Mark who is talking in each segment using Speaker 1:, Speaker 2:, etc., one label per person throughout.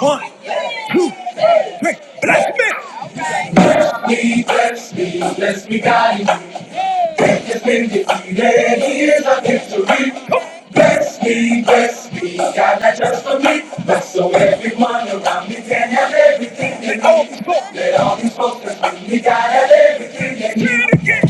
Speaker 1: One, two, three. Bless me. Bless me, bless me, bless me, God. Death has been defeated. Here's our victory. Bless me, bless me, God, not just for me, but so everyone around me can have everything they need. Let all these folks that bring me, God, have everything they need.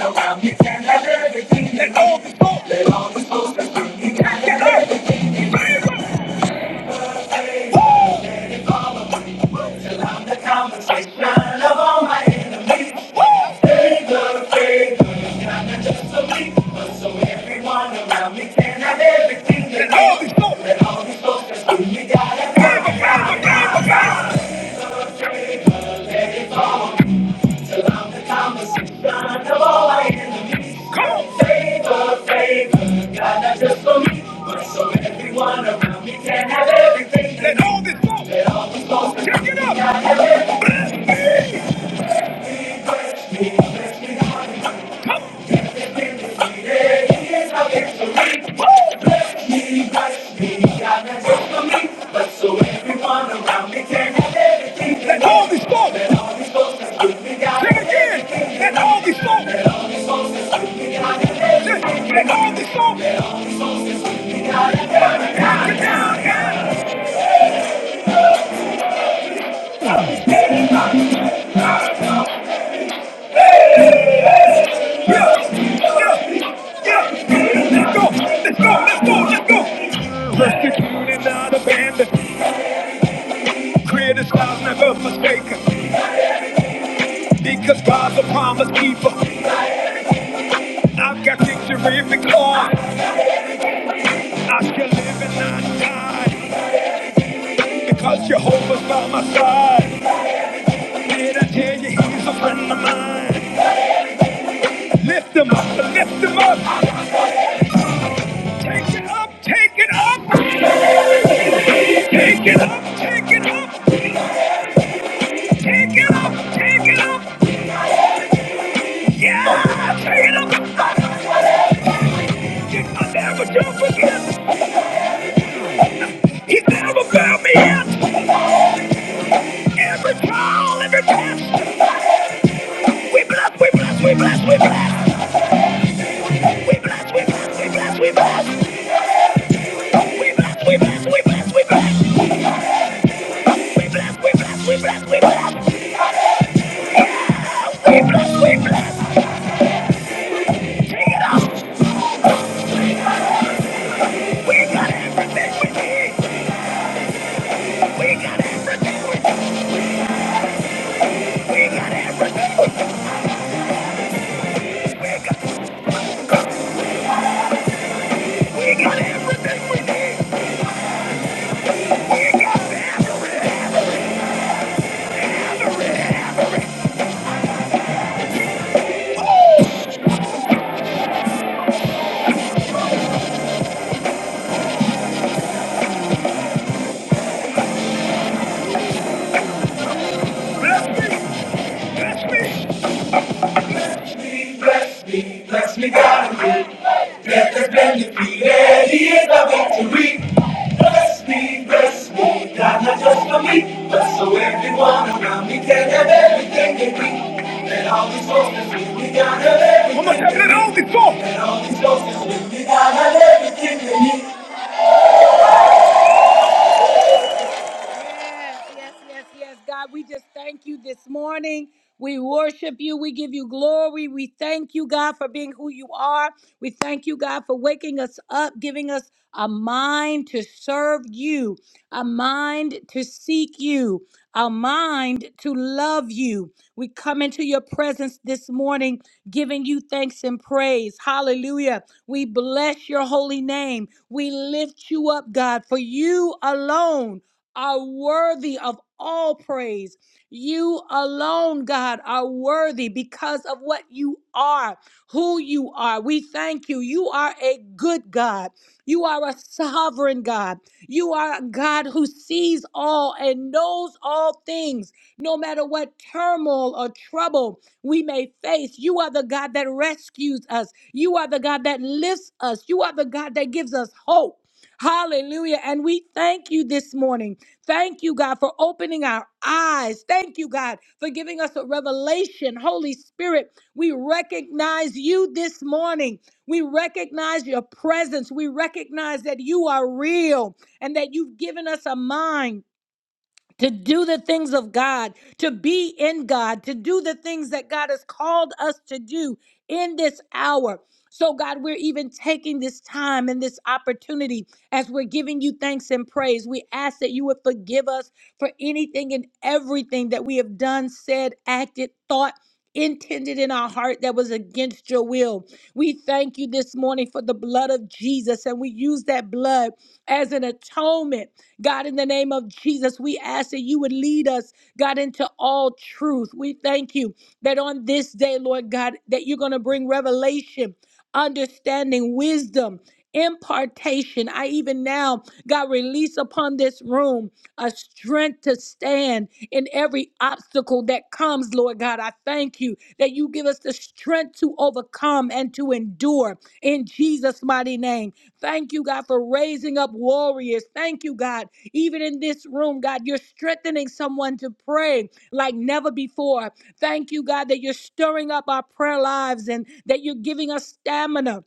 Speaker 1: Around me, can have everything. Let all the folks that bring me, I got everything. Everything they know, let all these folks that we got to Come on. Favor, favor, God not just for me, but so everyone around me can have everything. Let all this Let all this go. Check it out. have everything. Bless me, bless Let all these folks, sing again. Let all these folks, let all these folks, yeah, yeah, yeah. Let's go, let's go, let's go, let's go. Persecuted, not abandoned, criticized, never forsaken. Because God's a promise keeper. I've got victory in the car. I shall live and not die because Jehovah's by my side. Did I tell you he's a friend of mine? Lift him up, lift him up. Take it up, take it up. Take it up, take it up. Take it up, take it up. Yeah, take it up. Did I never jump again? He's never found me yet. Every call, every test. We bless, we bless, we bless, we bless. We bless, we bless, we bless, we bless. We got everything we need. Bless me, bless me. me, bless me, bless me, God, and me. Let the benefit, he is the victory. Bless me, bless me, God, not just for me, but so everyone around me can have everything they need. And all these forces with me, God, have everything they need. And all these forces with me, God, have everything they need. Yes, yes, yes, yes. God, we just thank you this morning. We worship you. We give you glory. We thank you, God, for being who you are. We thank you, God, for waking us up, giving us a mind to serve you, a mind to seek you, a mind to love you. We come into your presence this morning, giving you thanks and praise. Hallelujah. We bless your holy name. We lift you up, God, for you alone are worthy of all praise. You alone, God, are worthy because of what you are, who you are. We thank you. You are a good God. You are a sovereign God. You are a God who sees all and knows all things, no matter what turmoil or trouble we may face. You are the God that rescues us. You are the God that lifts us. You are the God that gives us hope. Hallelujah. And we thank you this morning. Thank you, God, for opening our eyes. Thank you, God, for giving us a revelation. Holy Spirit, we recognize you this morning. We recognize your presence. We recognize that you are real and that you've given us a mind to do the things of God, to be in God, to do the things that God has called us to do in this hour. So, God, we're even taking this time and this opportunity as we're giving you thanks and praise. We ask that you would forgive us for anything and everything that we have done, said, acted, thought. Intended in our heart that was against your will. We thank you this morning for the blood of Jesus, and we use that blood as an atonement moment. God, in the name of Jesus, we ask that you would lead us, God, into all truth. We thank you that on this day, Lord God, that you're going to bring revelation, understanding, wisdom, impartation. I even now, God, release upon this room a strength to stand in every obstacle that comes comes, Lord God. I thank you that you give us the strength to overcome and to endure in Jesus' mighty name. Thank you, God, for raising up warriors. Thank you, God. Even in this room, God, you're strengthening someone to pray like never before. Thank you, God, that you're stirring up our prayer lives and that you're giving us stamina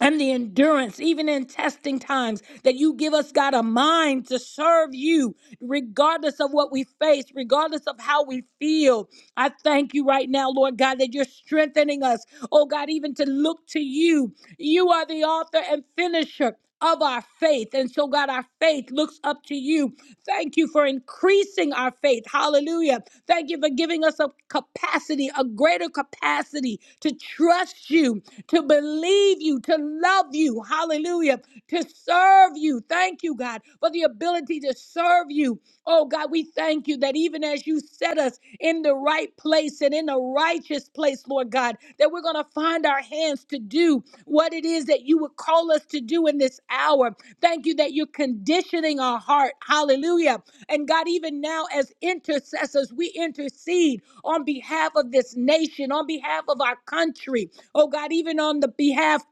Speaker 1: and the endurance, even in testing times, that you give us, God, a mind to serve you, regardless of what we face, regardless of how we feel. I thank you right now, Lord God, that you're strengthening us, oh God, even to look to you. You are the author and finisher of our faith. And so, God, our faith looks up to you. Thank you for increasing our faith. Hallelujah. Thank you for giving us a capacity, a greater capacity to trust you, to believe you, to love you. Hallelujah. To serve you. Thank you, God, for the ability to serve you. Oh, God, we thank you that even as you set us in the right place and in a righteous place, Lord God, that we're going to find our hands to do what it is that you would call us to do in this hour. Thank you that you're conditioning our heart. Hallelujah. And God, even now as intercessors, we intercede on behalf of this nation, on behalf of our country. Oh God, even on the behalf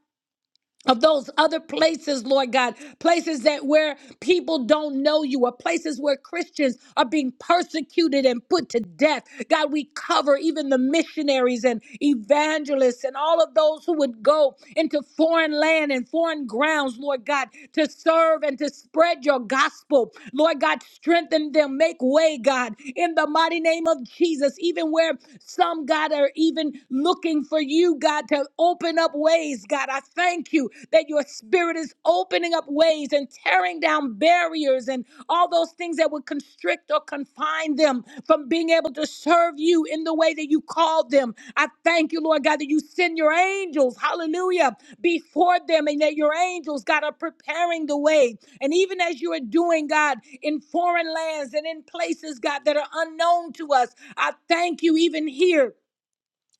Speaker 1: of those other places, Lord God, places that where people don't know you, or places where Christians are being persecuted and put to death. God, we cover even the missionaries and evangelists and all of those who would go into foreign land and foreign grounds, Lord God, to serve and to spread your gospel. Lord God, strengthen them, make way, God, in the mighty name of Jesus, even where some, God, are even looking for you, God. to. God, to open up ways, God. I thank you that your spirit is opening up ways and tearing down barriers and all those things that would constrict or confine them from being able to serve you in the way that you called them. I thank you, Lord God, that you send your angels, hallelujah, before them and that your angels, God, are preparing the way. And even as you are doing, God, in foreign lands and in places, God, that are unknown to us, I thank you even here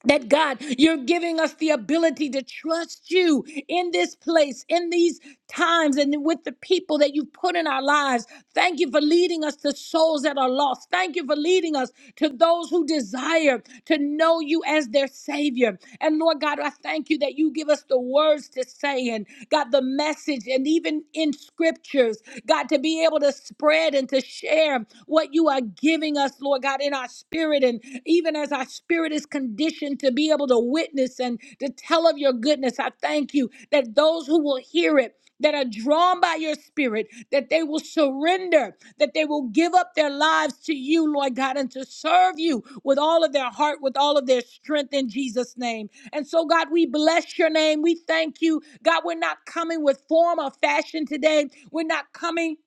Speaker 1: that God, you're giving us the ability to trust you in this place, in these times, and with the people that you've put in our lives. Thank you for leading us to souls that are lost. Thank you for leading us to those who desire to know you as their Savior. And Lord God, I thank you that you give us the words to say and God, the message, and even in scriptures, God, to be able to spread and to share what you are giving us us, Lord God, in our spirit. And even as our spirit is conditioned to be able to witness and to tell of your goodness, I thank you that those who will hear it, that are drawn by your spirit, that they will surrender, that they will give up their lives to you, Lord God, and to serve you with all of their heart, with all of their strength in Jesus' name. And so, God, we bless your name. We thank you. God, we're not coming with form or fashion today. We're not coming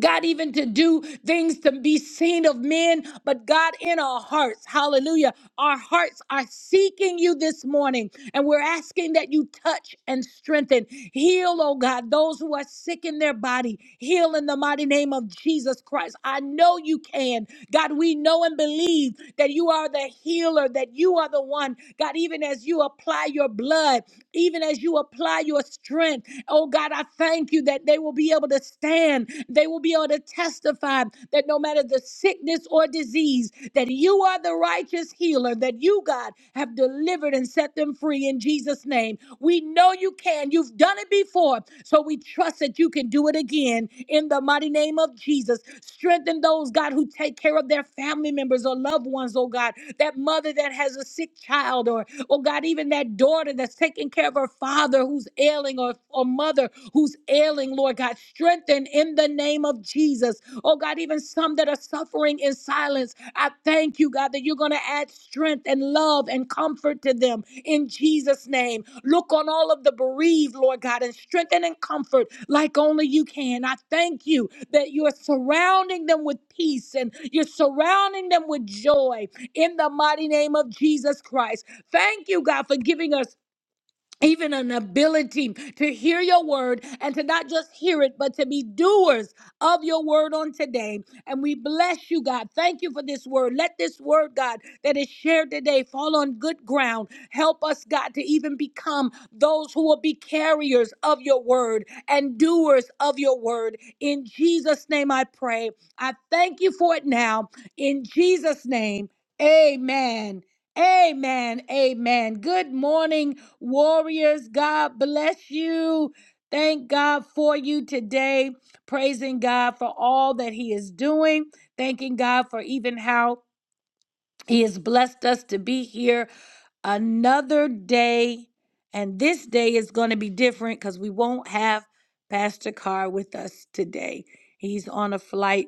Speaker 1: God, even to do things to be seen of men, but God, in our hearts, hallelujah, our hearts are seeking you this morning, and we're asking that you touch and strengthen. Heal, oh God, those who are sick in their body. Heal in the mighty name of Jesus Christ. I know you can. God, we know and believe that you are the healer, that you are the one. God, even as you apply your blood, even as you apply your strength, oh God, I thank you that that they will be able to stand. They will be able to testify that no matter the sickness or disease, that you are the righteous healer, that you, God, have delivered and set them free in Jesus' name. We know you can. You've done it before. So we trust that you can do it again in the mighty name of Jesus. Strengthen those, God, who take care of their family members or loved ones, oh God. That mother that has a sick child, or, oh God, even that daughter that's taking care of her father who's ill ailing or, or mother who's ailing, Lord God. Strengthen in the name of Jesus. Oh God, even some that are suffering in silence. I thank you, God, that you're going to add strength and love and comfort to them in Jesus' name. Look on all of the bereaved, Lord God, and strengthen and comfort like only you can. I thank you that you're surrounding them with peace and you're surrounding them with joy in the mighty name of Jesus Christ. Thank you, God, for giving us even an ability to hear your word and to not just hear it, but to be doers of your word on today. And we bless you, God. Thank you for this word. Let this word, God, that is shared today fall on good ground. Help us, God, to even become those who will be carriers of your word and doers of your word. In Jesus' name I pray. I thank you for it now. In Jesus' name, amen. Amen. Amen. Good morning, warriors. God bless you. Thank God for you today. Praising God for all that He is doing. Thanking God for even how he has blessed us to be here another day. And this day is going to be different because we won't have Pastor Carr with us today. He's on a flight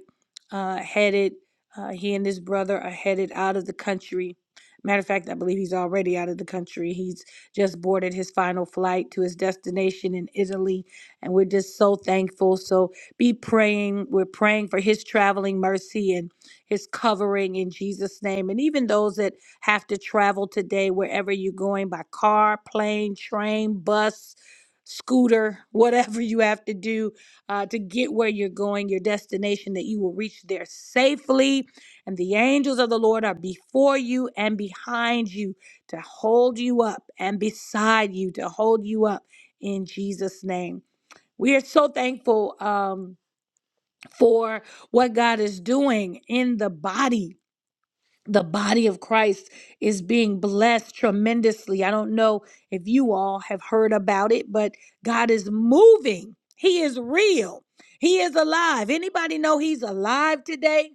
Speaker 1: uh, headed, uh, he and his brother are headed out of the country. Matter of fact, I believe he's already out of the country. He's just boarded his final flight to his destination in Italy. And we're just so thankful. So be praying. We're praying for his traveling mercy and his covering in Jesus' name. And even those that have to travel today, wherever you're going by car, plane, train, bus, scooter, whatever you have to do uh, to get where you're going, your destination, that you will reach there safely. And the angels of the Lord are before you and behind you to hold you up and beside you to hold you up in Jesus' name. We are so thankful um, for what God is doing in the body the body of Christ is being blessed tremendously. I don't know if you all have heard about it, but God is moving. He is real. He is alive. Anybody know he's alive today?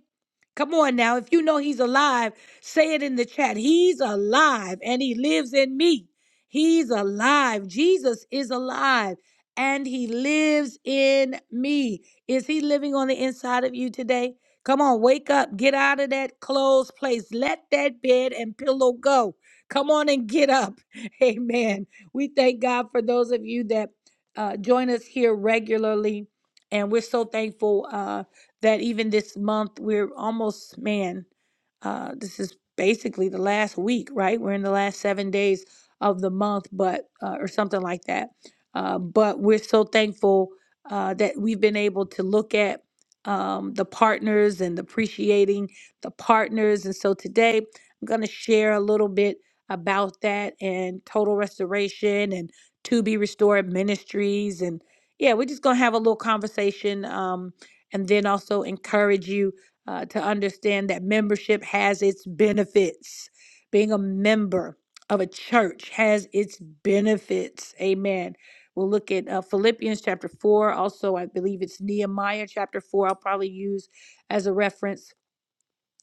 Speaker 1: Come on now. If you know he's alive, say it in the chat. He's alive and he lives in me. He's alive. Jesus is alive and he lives in me. Is he living on the inside of you today? Come on, wake up. Get out of that closed place. Let that bed and pillow go. Come on and get up. Amen. We thank God for those of you that uh, join us here regularly. And we're so thankful. Uh, that even this month we're almost man uh this is basically the last week right we're in the last seven days of the month but uh, or something like that uh, but we're so thankful uh, that we've been able to look at um, the partners and appreciating the partners and so today i'm going to share a little bit about that and total restoration and to be restored ministries and yeah we're just going to have a little conversation Um, and then also encourage you uh, to understand that membership has its benefits. Being a member of a church has its benefits. Amen. We'll look at uh, Philippians chapter 4. Also, I believe it's Nehemiah chapter 4. I'll probably use as a reference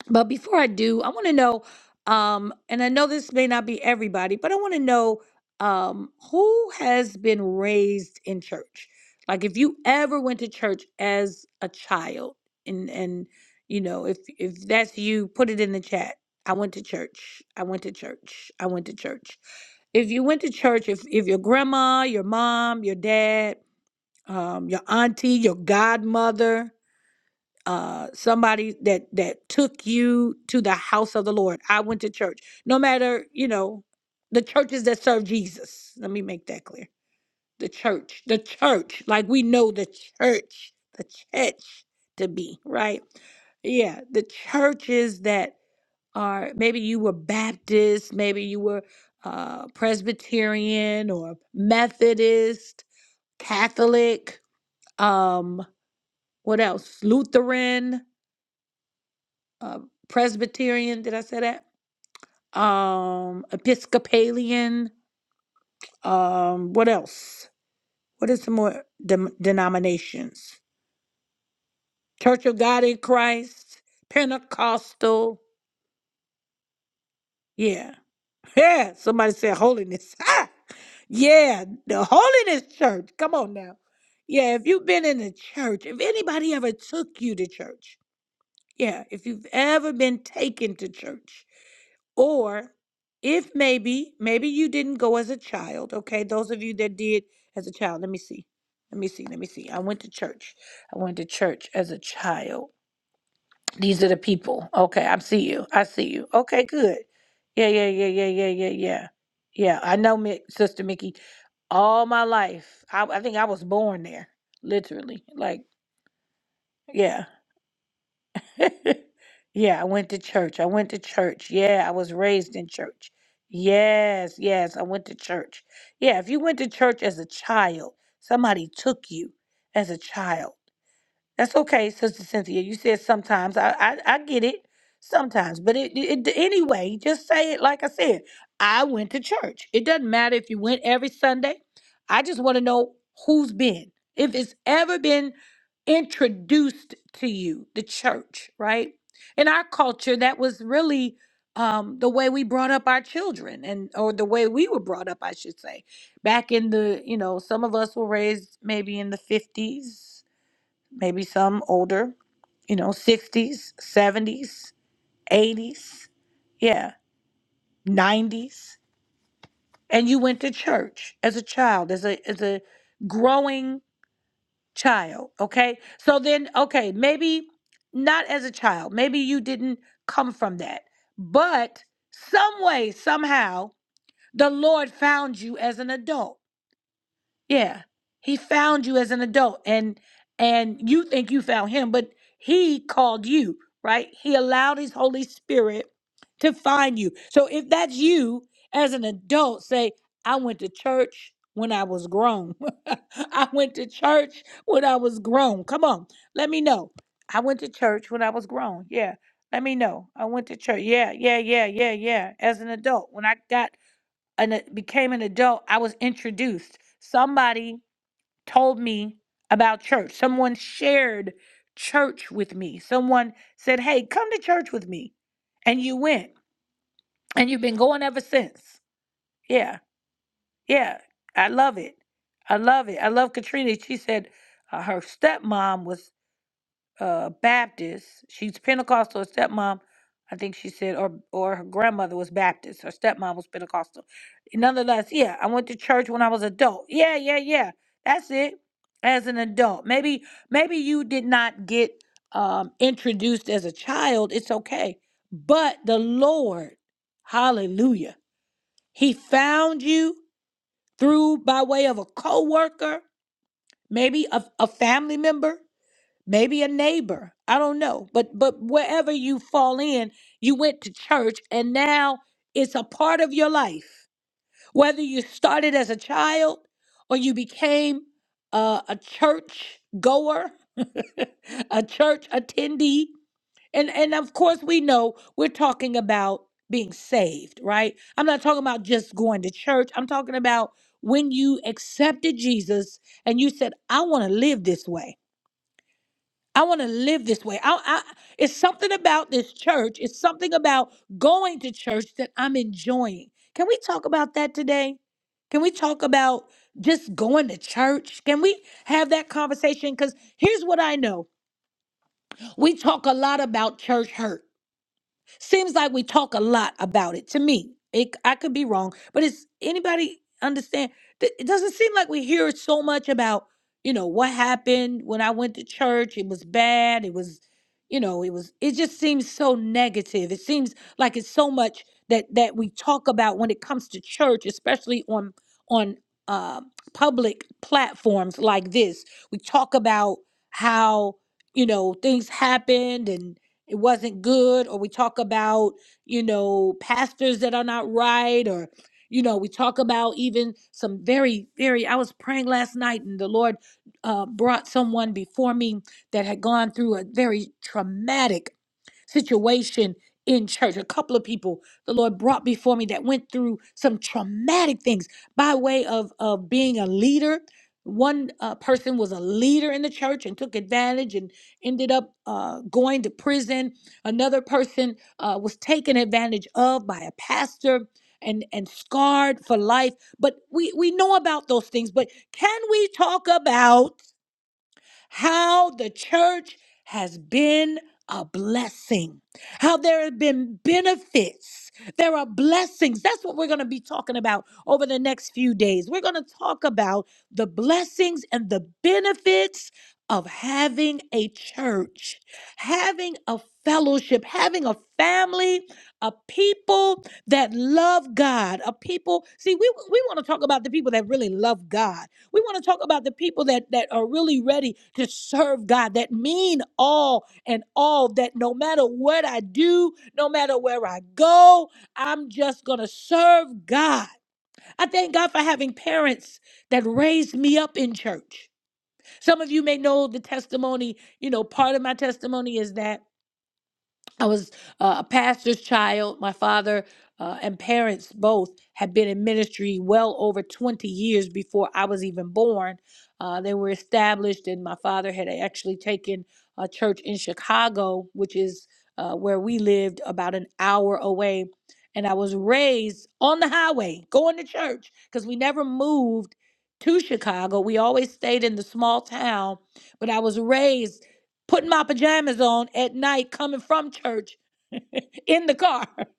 Speaker 1: but before I do, I want to know, um, and I know this may not be everybody, but I want to know um, who has been raised in church. Like, if you ever went to church as a child, and and you know, if if that's you, put it in the chat. I went to church. I went to church. I went to church. If you went to church, if if your grandma, your mom, your dad, um, your auntie, your godmother, uh somebody that that took you to the house of the lord i went to church no matter you know the churches that serve jesus let me make that clear the church the church like we know the church the church to be right yeah the churches that are maybe you were baptist maybe you were uh presbyterian or methodist catholic um what else lutheran uh, Presbyterian. Did I say that? Um, Episcopalian. Um, what else? What is some more dem- denominations? Church of God in Christ, Pentecostal. Yeah, yeah. Somebody said holiness. Ah! Yeah, the holiness church. Come on now. Yeah, if you've been in the church, if anybody ever took you to church, yeah, if you've ever been taken to church, Or if maybe, maybe you didn't go as a child, okay? Those of you that did as a child, let me see. Let me see. Let me see. I went to church. I went to church as a child. These are the people. Okay, I see you. I see you. Okay, good. Yeah, yeah, yeah, yeah, yeah, yeah, yeah. Yeah, I know, Mi- Sister Mickey. All my life, I, I think I was born there, literally. Like, yeah. yeah, I went to church. I went to church. Yeah, I was raised in church. Yes, yes, I went to church. Yeah, if you went to church as a child, somebody took you as a child. That's okay, Sister Cynthia. You said sometimes. I I, I get it. Sometimes, but it, it anyway. Just say it like I said. I went to church. It doesn't matter if you went every Sunday. I just want to know who's been. If it's ever been introduced to you, the church, right? In our culture, that was really um, the way we brought up our children, and or the way we were brought up, I should say. Back in the, you know, some of us were raised maybe in the fifties, maybe some older, you know, 60s, 70s, 80s, yeah, 90s. And you went to church as a child, as a as a growing child, okay? So then okay, maybe not as a child. Maybe you didn't come from that. But some way, somehow, the Lord found you as an adult Yeah. He found you as an adult and and you think you found him, but he called you, right? He allowed his Holy Spirit to find you. So if that's you as an adult, say, I went to church when I was grown. I went to church when I was grown. Come on. Let me know. I went to church when I was grown. Yeah. Let me know. I went to church. Yeah, yeah, yeah, yeah, yeah. As an adult, when I got and became an adult, I was introduced. Somebody told me about church. Someone shared church with me. Someone said, "Hey, come to church with me," and you went, and you've been going ever since. Yeah, yeah, I love it. I love it. I love Katrina. She said uh, her stepmom was uh, Baptist. She's Pentecostal. Her stepmom, I think she said, or or her grandmother was Baptist. Her stepmom was Pentecostal. Nonetheless, yeah, I went to church when I was adult. Yeah, yeah, yeah. That's it. As an adult, maybe maybe you did not get um, introduced as a child. It's okay, but the Lord, Hallelujah, He found you through by way of a coworker, maybe a, a family member maybe a neighbor i don't know but but wherever you fall in you went to church and now it's a part of your life whether you started as a child or you became uh, a church goer a church attendee and and of course we know we're talking about being saved right i'm not talking about just going to church i'm talking about when you accepted jesus and you said i want to live this way I want to live this way. I, I, it's something about this church. It's something about going to church that I'm enjoying. Can we talk about that today? Can we talk about just going to church? Can we have that conversation? Because here's what I know we talk a lot about church hurt. Seems like we talk a lot about it. To me, it, I could be wrong, but it's anybody understand? Th- It doesn't seem like we hear so much about you know what happened when I went to church. It was bad. It was, you know, it was. It just seems so negative. It seems like it's so much that that we talk about when it comes to church, especially on on uh, public platforms like this. We talk about how you know things happened and it wasn't good or we talk about you know pastors that are not right or you know we talk about even some very very i was praying last night and the lord uh, brought someone before me that had gone through a very traumatic situation in church a couple of people the lord brought before me that went through some traumatic things by way of of being a leader one uh, person was a leader in the church and took advantage and ended up uh, going to prison. Another person uh, was taken advantage of by a pastor and, and scarred for life. But we, we know about those things. But can we talk about? how the church has been a blessing, how there have been benefits. There are blessings. That's what we're going to be talking about over the next few days. We're going to talk about the blessings and the benefits of having a church, having a fellowship, having a family, a people that love God, a people. See, we, we want to talk about the people that really love God. We want to talk about the people that, that are really ready to serve God, that mean all and all, that no matter what I do, no matter where I go, I'm just going to serve God. I thank God for having parents that raised me up in church. Some of you may know the testimony, you know, part of my testimony is that I was uh, a pastor's child. My father uh, and parents both had been in ministry well over 20 years before I was even born. Uh, they were established, and my father had actually taken a church in Chicago, which is uh, where we lived, about an hour away. And I was raised on the highway going to church because we never moved to Chicago. We always stayed in the small town, but I was raised putting my pajamas on at night coming from church in the car.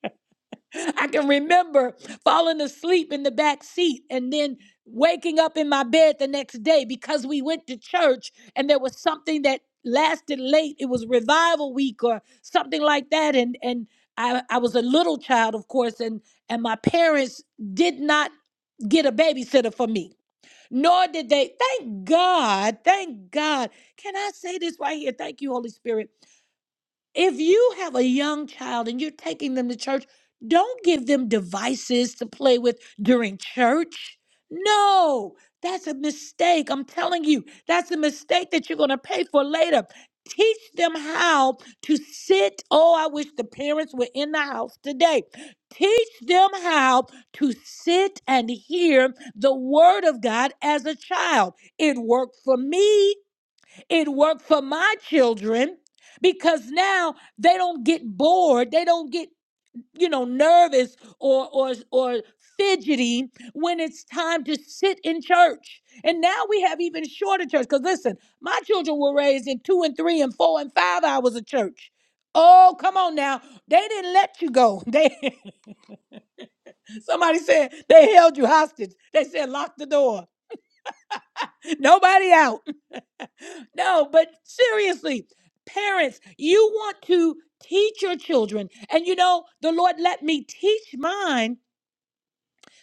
Speaker 1: I can remember falling asleep in the back seat and then waking up in my bed the next day because we went to church and there was something that lasted late. It was revival week or something like that. And and I, I was a little child, of course, and and my parents did not get a babysitter for me. Nor did they. Thank God. Thank God. Can I say this right here? Thank you, Holy Spirit if you have a young child and you're taking them to church, don't give them devices to play with during church. No, that's a mistake. I'm telling you, that's a mistake that you're going to pay for later. Teach them how to sit. Oh, I wish the parents were in the house today. Teach them how to sit and hear the word of God as a child. It worked for me. It worked for my children because now they don't get bored, they don't get, you know, nervous or or or fidgety when it's time to sit in church. And now we have even shorter church cuz listen, my children were raised in 2 and 3 and 4 and 5 hours of church. Oh, come on now. They didn't let you go. They somebody said they held you hostage. They said lock the door. Nobody out. No, but seriously, parents, you want to teach your children. And you know, the Lord let me teach mine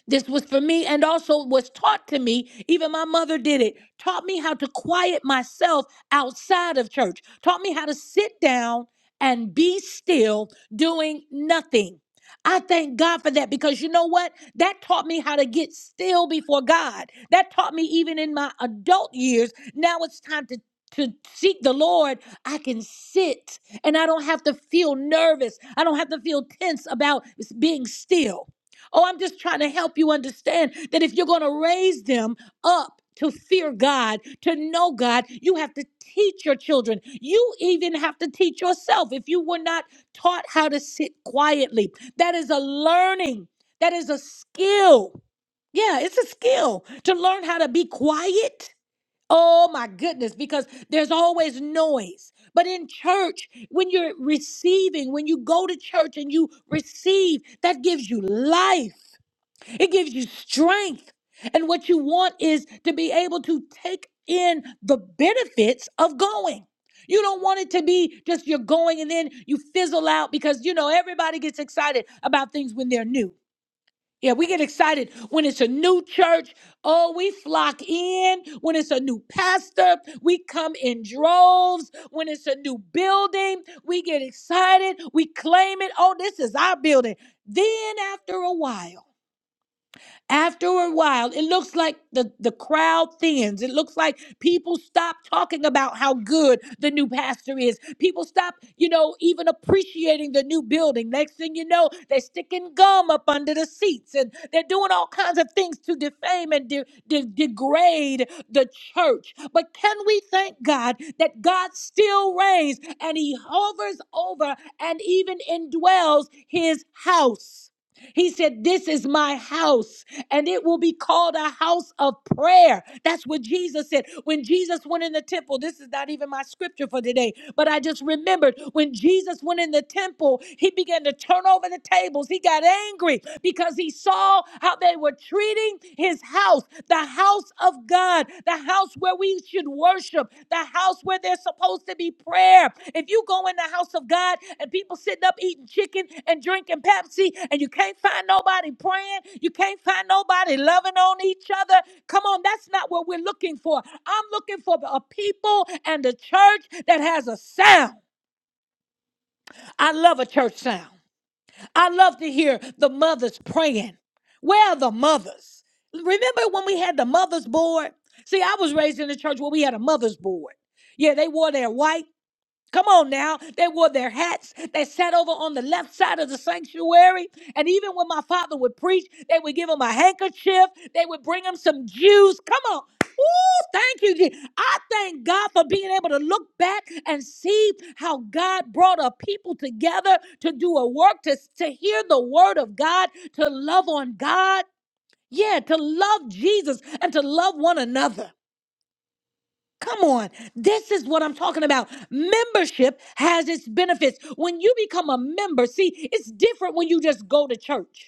Speaker 1: this was for me and also was taught to me. Even my mother did it. Taught me how to quiet myself outside of church. Taught me how to sit down and be still doing nothing. I thank God for that because you know what? That taught me how to get still before God. That taught me even in my adult years. Now it's time to to seek the Lord, I can sit and I don't have to feel nervous. I don't have to feel tense about being still. Oh, I'm just trying to help you understand that if you're going to raise them up to fear God, to know God, you have to teach your children. You even have to teach yourself. If you were not taught how to sit quietly, that is a learning, that is a skill. Yeah, it's a skill to learn how to be quiet. Oh my goodness, because there's always noise. But in church, when you're receiving, when you go to church and you receive, that gives you life. It gives you strength. And what you want is to be able to take in the benefits of going. You don't want it to be just you're going and then you fizzle out because, you know, everybody gets excited about things when they're new. Yeah, we get excited when it's a new church. Oh, we flock in. When it's a new pastor, we come in droves. When it's a new building, we get excited. We claim it. Oh, this is our building. Then, after a while, after a while, it looks like the, the crowd thins. It looks like people stop talking about how good the new pastor is. People stop, you know, even appreciating the new building. Next thing you know, they're sticking gum up under the seats and they're doing all kinds of things to defame and de- de- degrade the church. But can we thank God that God still reigns and he hovers over and even indwells his house? He said, This is my house, and it will be called a house of prayer. That's what Jesus said. When Jesus went in the temple, this is not even my scripture for today, but I just remembered when Jesus went in the temple, he began to turn over the tables. He got angry because he saw how they were treating his house, the house of God. God, the house where we should worship, the house where there's supposed to be prayer. If you go in the house of God and people sitting up eating chicken and drinking Pepsi and you can't find nobody praying, you can't find nobody loving on each other, come on, that's not what we're looking for. I'm looking for a people and a church that has a sound. I love a church sound. I love to hear the mothers praying. Where are the mothers? Remember when we had the mothers board? See, I was raised in a church where we had a mothers board. Yeah, they wore their white. Come on now. They wore their hats. They sat over on the left side of the sanctuary. And even when my father would preach, they would give him a handkerchief. They would bring him some juice. Come on. Ooh, thank you. Je- I thank God for being able to look back and see how God brought a people together to do a work, to, to hear the word of God, to love on God. Yeah, to love Jesus and to love one another. Come on. This is what I'm talking about. Membership has its benefits. When you become a member, see, it's different when you just go to church.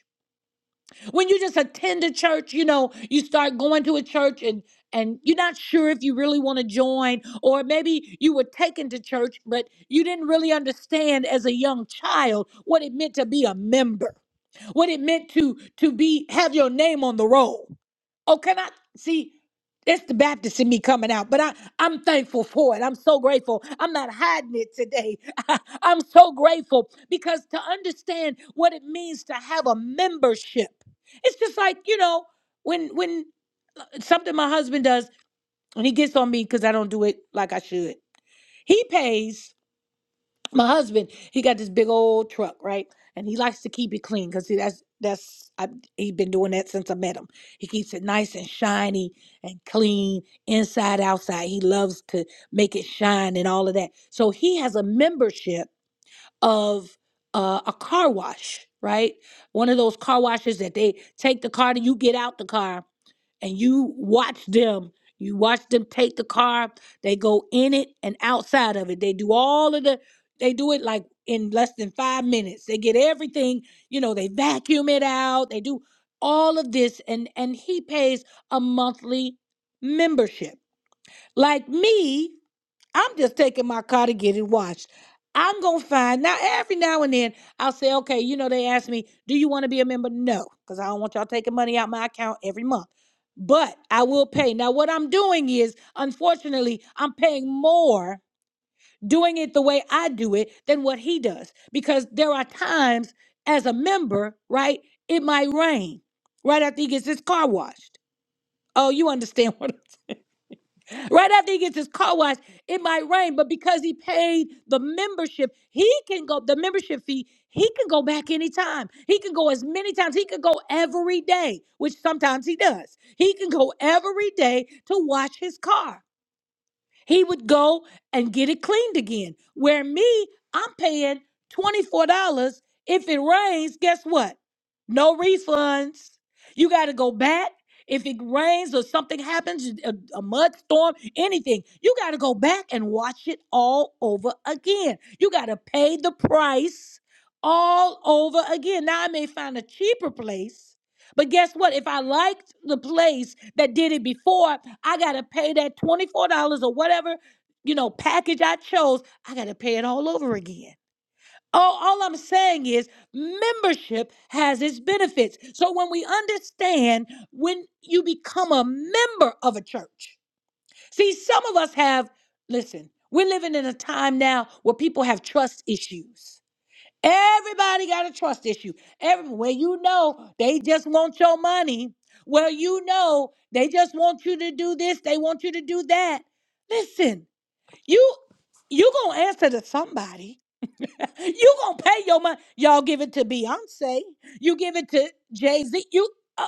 Speaker 1: When you just attend a church, you know, you start going to a church and and you're not sure if you really want to join or maybe you were taken to church but you didn't really understand as a young child what it meant to be a member what it meant to to be have your name on the roll oh can i see that's the baptist in me coming out but i i'm thankful for it i'm so grateful i'm not hiding it today i'm so grateful because to understand what it means to have a membership it's just like you know when when something my husband does when he gets on me because I don't do it like I should. He pays my husband. He got this big old truck, right? And he likes to keep it clean because that's that's I, he been doing that since I met him. He keeps it nice and shiny and clean inside outside. He loves to make it shine and all of that. So he has a membership of uh, a car wash, right? One of those car washes that they take the car and you get out the car and you watch them. You watch them take the car. They go in it and outside of it. They do all of the. They do it like in less than five minutes. They get everything. You know, they vacuum it out. They do all of this, and and he pays a monthly membership. Like me, I'm just taking my car to get it washed. I'm gonna find now every now and then I'll say, okay, you know, they ask me, do you want to be a member? No, because I don't want y'all taking money out my account every month. But I will pay. Now, what I'm doing is, unfortunately, I'm paying more doing it the way I do it than what he does. Because there are times as a member, right? It might rain right after he gets his car washed. Oh, you understand what? I'm Right after he gets his car washed, it might rain, but because he paid the membership, he can go the membership fee. He can go back anytime. He can go as many times. He can go every day, which sometimes he does. He can go every day to wash his car. He would go and get it cleaned again. Where me, I'm paying $24. If it rains, guess what? No refunds. You got to go back. If it rains or something happens, a, a mud storm, anything, you got to go back and watch it all over again. You got to pay the price all over again. Now, I may find a cheaper place but guess what? If I liked the place that did it before, I got to pay that $24 or whatever, you know, package I chose. I got to pay it all over again. All, all I'm saying is membership has its benefits. So when we understand when you become a member of a church, see, some of us have, listen, we're living in a time now where people have trust issues. Everybody got a trust issue. Every well, you know they just want your money. Well, you know they just want you to do this. They want you to do that. Listen, you you gonna answer to somebody. you gonna pay your money. Y'all give it to Beyonce. You give it to Jay Z. You. uh,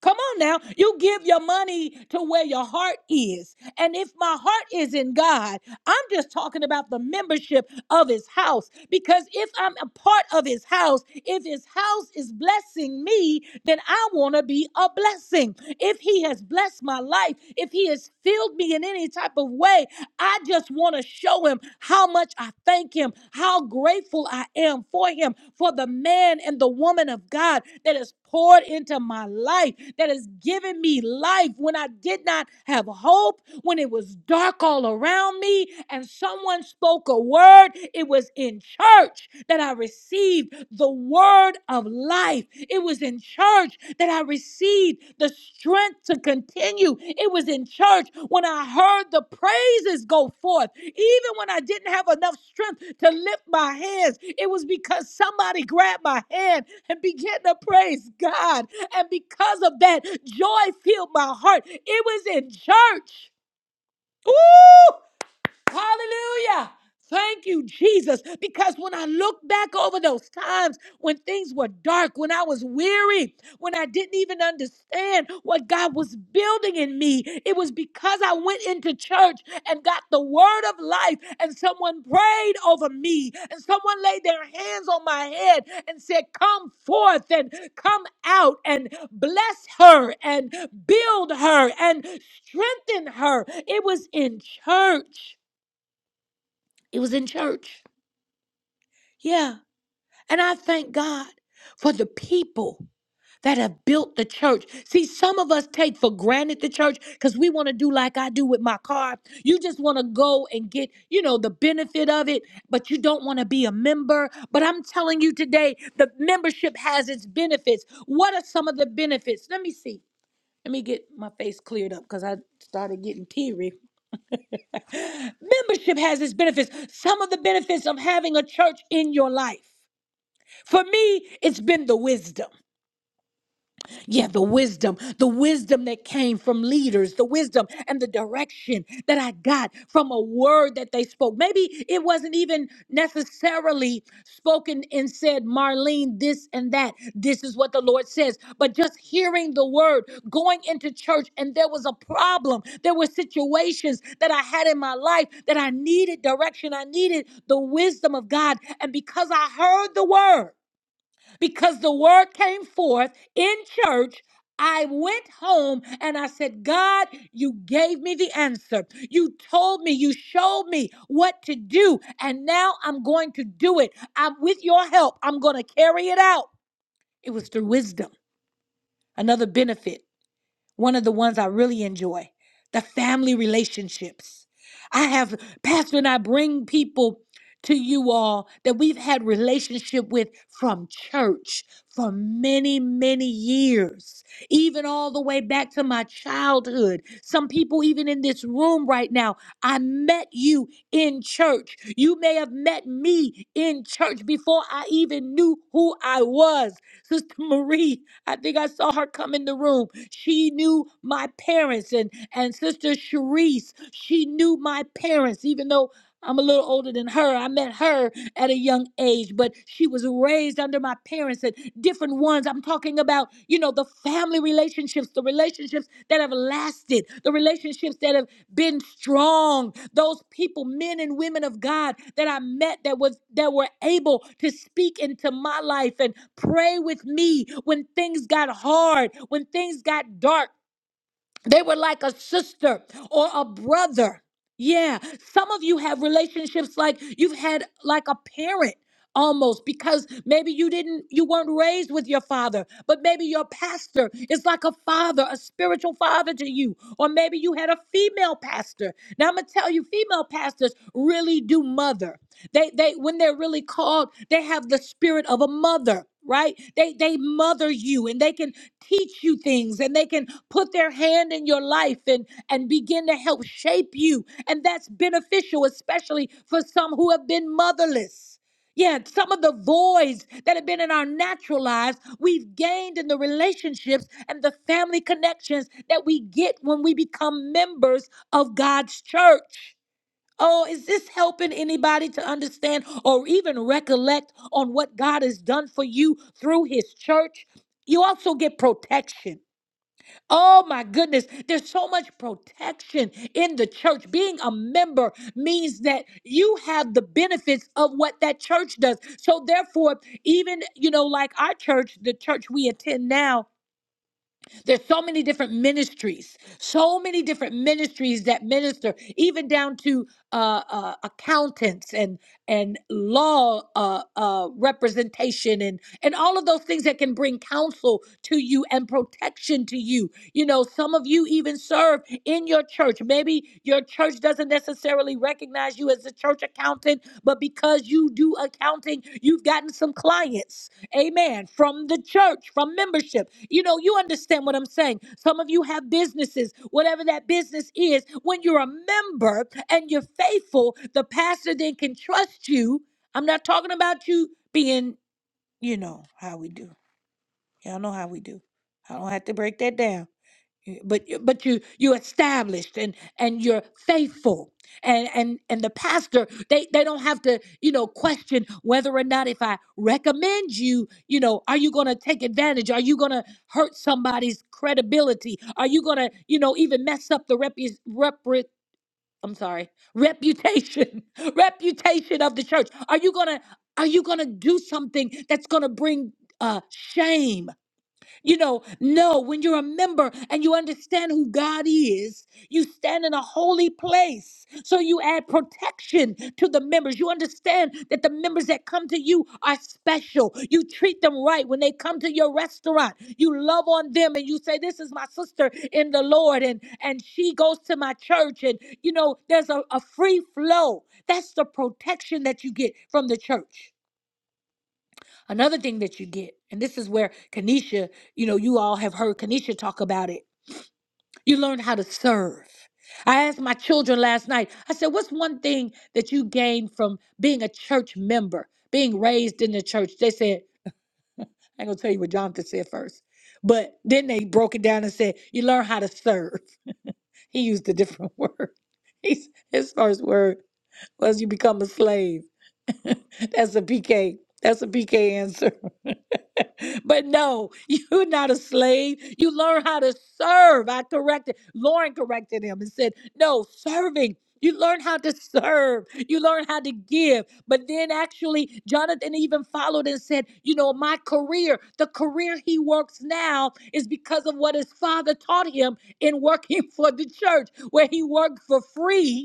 Speaker 1: Come on now. You give your money to where your heart is. And if my heart is in God, I'm just talking about the membership of his house. Because if I'm a part of his house, if his house is blessing me, then I want to be a blessing. If he has blessed my life, if he has filled me in any type of way, I just want to show him how much I thank him, how grateful I am for him, for the man and the woman of God that is poured into my life, that has given me life when I did not have hope, when it was dark all around me, and someone spoke a word. It was in church that I received the word of life. It was in church that I received the strength strength to continue. It was in church when I heard the praises go forth. Even when I didn't have enough strength to lift my hands, it was because somebody grabbed my hand and began to praise God. And because of that, joy filled my heart. It was in church. Woo! Hallelujah. Thank you, Jesus. Because when I look back over those times when things were dark, when I was weary, when I didn't even understand what God was building in me, it was because I went into church and got the word of life, and someone prayed over me, and someone laid their hands on my head and said, Come forth and come out and bless her and build her and strengthen her. It was in church. It was in church. Yeah. And I thank God for the people that have built the church. See, some of us take for granted the church because we want to do like I do with my car. You just want to go and get, you know, the benefit of it, but you don't want to be a member. But I'm telling you today, the membership has its benefits. What are some of the benefits? Let me see. Let me get my face cleared up because I started getting teary. Membership has its benefits. Some of the benefits of having a church in your life. For me, it's been the wisdom. Yeah, the wisdom, the wisdom that came from leaders, the wisdom and the direction that I got from a word that they spoke. Maybe it wasn't even necessarily spoken and said, Marlene, this and that. This is what the Lord says. But just hearing the word, going into church, and there was a problem. There were situations that I had in my life that I needed direction. I needed the wisdom of God. And because I heard the word, because the word came forth in church. I went home and I said, God, you gave me the answer. You told me, you showed me what to do. And now I'm going to do it. I'm with your help. I'm going to carry it out. It was through wisdom, another benefit one of the ones I really enjoy the family relationships. I have, Pastor, and I bring people to you all that we've had relationship with from church for many many years even all the way back to my childhood some people even in this room right now i met you in church you may have met me in church before i even knew who i was Sister Marie, I think I saw her come in the room. She knew my parents and and Sister Cherise, she knew my parents, even though I'm a little older than her. I met her at a young age, but she was raised under my parents and different ones. I'm talking about, you know, the family relationships, the relationships that have lasted, the relationships that have been strong, those people, men and women of God that I met that was that were able to speak into my life and pray with me when things got hard, when things got dark. They were like a sister or a brother. Yeah. Some of you have relationships like you've had like a parent almost because maybe you didn't you weren't raised with your father but maybe your pastor is like a father a spiritual father to you or maybe you had a female pastor now i'm gonna tell you female pastors really do mother they they when they're really called they have the spirit of a mother right they they mother you and they can teach you things and they can put their hand in your life and and begin to help shape you and that's beneficial especially for some who have been motherless yeah some of the voids that have been in our natural lives we've gained in the relationships and the family connections that we get when we become members of God's church Oh, is this helping anybody to understand or even recollect on what God has done for you through his church? You also get protection. Oh my goodness, there's so much protection in the church. Being a member means that you have the benefits of what that church does. So therefore, even you know like our church, the church we attend now, there's so many different ministries, so many different ministries that minister, even down to uh, uh, accountants and and law uh, uh, representation and and all of those things that can bring counsel to you and protection to you. You know, some of you even serve in your church. Maybe your church doesn't necessarily recognize you as a church accountant, but because you do accounting, you've gotten some clients Amen. From the church, from membership. You know, you understand what I'm saying. Some of you have businesses, whatever that business is. When you're a member and you're faithful, the pastor then can trust you. I'm not talking about you being, you know, how we do. Y'all know how we do. I don't have to break that down. Y- but you- but you you established and and you're faithful and and and the pastor they they don't have to you know question whether or not if i recommend you you know are you going to take advantage are you going to hurt somebody's credibility are you going to you know even mess up the repu- repre- i'm sorry reputation reputation of the church are you going to are you going to do something that's going to bring uh shame you know, no, when you're a member and you understand who God is, you stand in a holy place. So you add protection to the members. You understand that the members that come to you are special. You treat them right when they come to your restaurant. You love on them and you say, This is my sister in the Lord, and, and she goes to my church. And, you know, there's a, a free flow. That's the protection that you get from the church. Another thing that you get, and this is where Kanisha, you know, you all have heard Kanisha talk about it. You learn how to serve. I asked my children last night, I said, what's one thing that you gained from being a church member, being raised in the church? They said, I ain't gonna tell you what Jonathan said first. But then they broke it down and said, you learn how to serve. He used a different word. He's, his first word was you become a slave. That's a PK. That's a PK answer. but no, you're not a slave. You learn how to serve. I corrected. Lauren corrected him and said, no, serving. You learn how to serve. You learn how to give. But then actually, Jonathan even followed and said, You know, my career, the career he works now is because of what his father taught him in working for the church, where he worked for free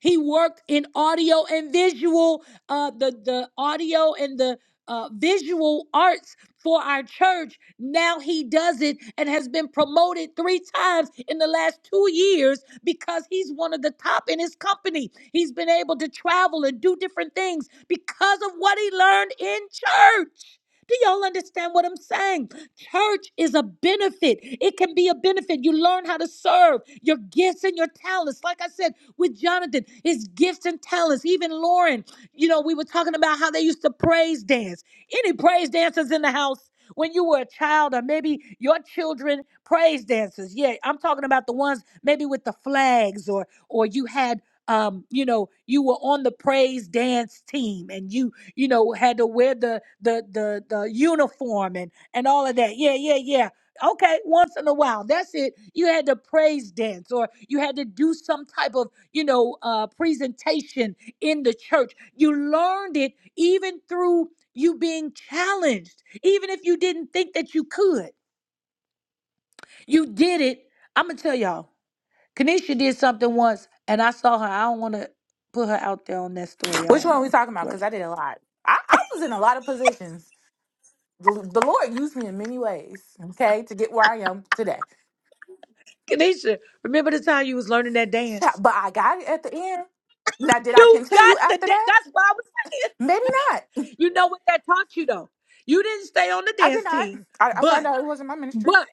Speaker 1: he worked in audio and visual, uh, the the audio and the uh, visual arts for our church. Now he does it and has been promoted three times in the last two years because he's one of the top in his company. He's been able to travel and do different things because of what he learned in church. Do y'all understand what I'm saying? Church is a benefit. It can be a benefit. You learn how to serve your gifts and your talents. Like I said with Jonathan, his gifts and talents. Even Lauren, you know, we were talking about how they used to praise dance. Any praise dancers in the house? When you were a child, or maybe your children praise dancers. Yeah, I'm talking about the ones maybe with the flags, or or you had, um, you know, you were on the praise dance team, and you you know, had to wear the the the the uniform and and all of that. Yeah, yeah, yeah. Okay, once in a while. That's it. You had to praise dance or you had to do some type of, you know, uh presentation in the church. You learned it even through you being challenged, even if you didn't think that you could. You did it. I'm gonna tell y'all. Kanisha did something once and I saw her. I don't wanna put her out there on that story. I
Speaker 2: Which
Speaker 1: don't
Speaker 2: one are we
Speaker 1: know.
Speaker 2: talking about? Because I did a lot. I, I was in a lot of positions. The, the Lord used me in many ways, okay, to get where I am today.
Speaker 1: Kanisha, remember the time you was learning that
Speaker 2: Ch-
Speaker 1: dance?
Speaker 2: But I got it at the end. Now, did I
Speaker 1: You
Speaker 2: continue
Speaker 1: got the
Speaker 2: after
Speaker 1: da-
Speaker 2: that?
Speaker 1: that's what I was saying.
Speaker 2: Maybe not.
Speaker 1: You know what that taught you though. You didn't stay on the
Speaker 2: I did
Speaker 1: dance
Speaker 2: not.
Speaker 1: team,
Speaker 2: I, I found
Speaker 1: but
Speaker 2: out it wasn't my ministry.
Speaker 1: but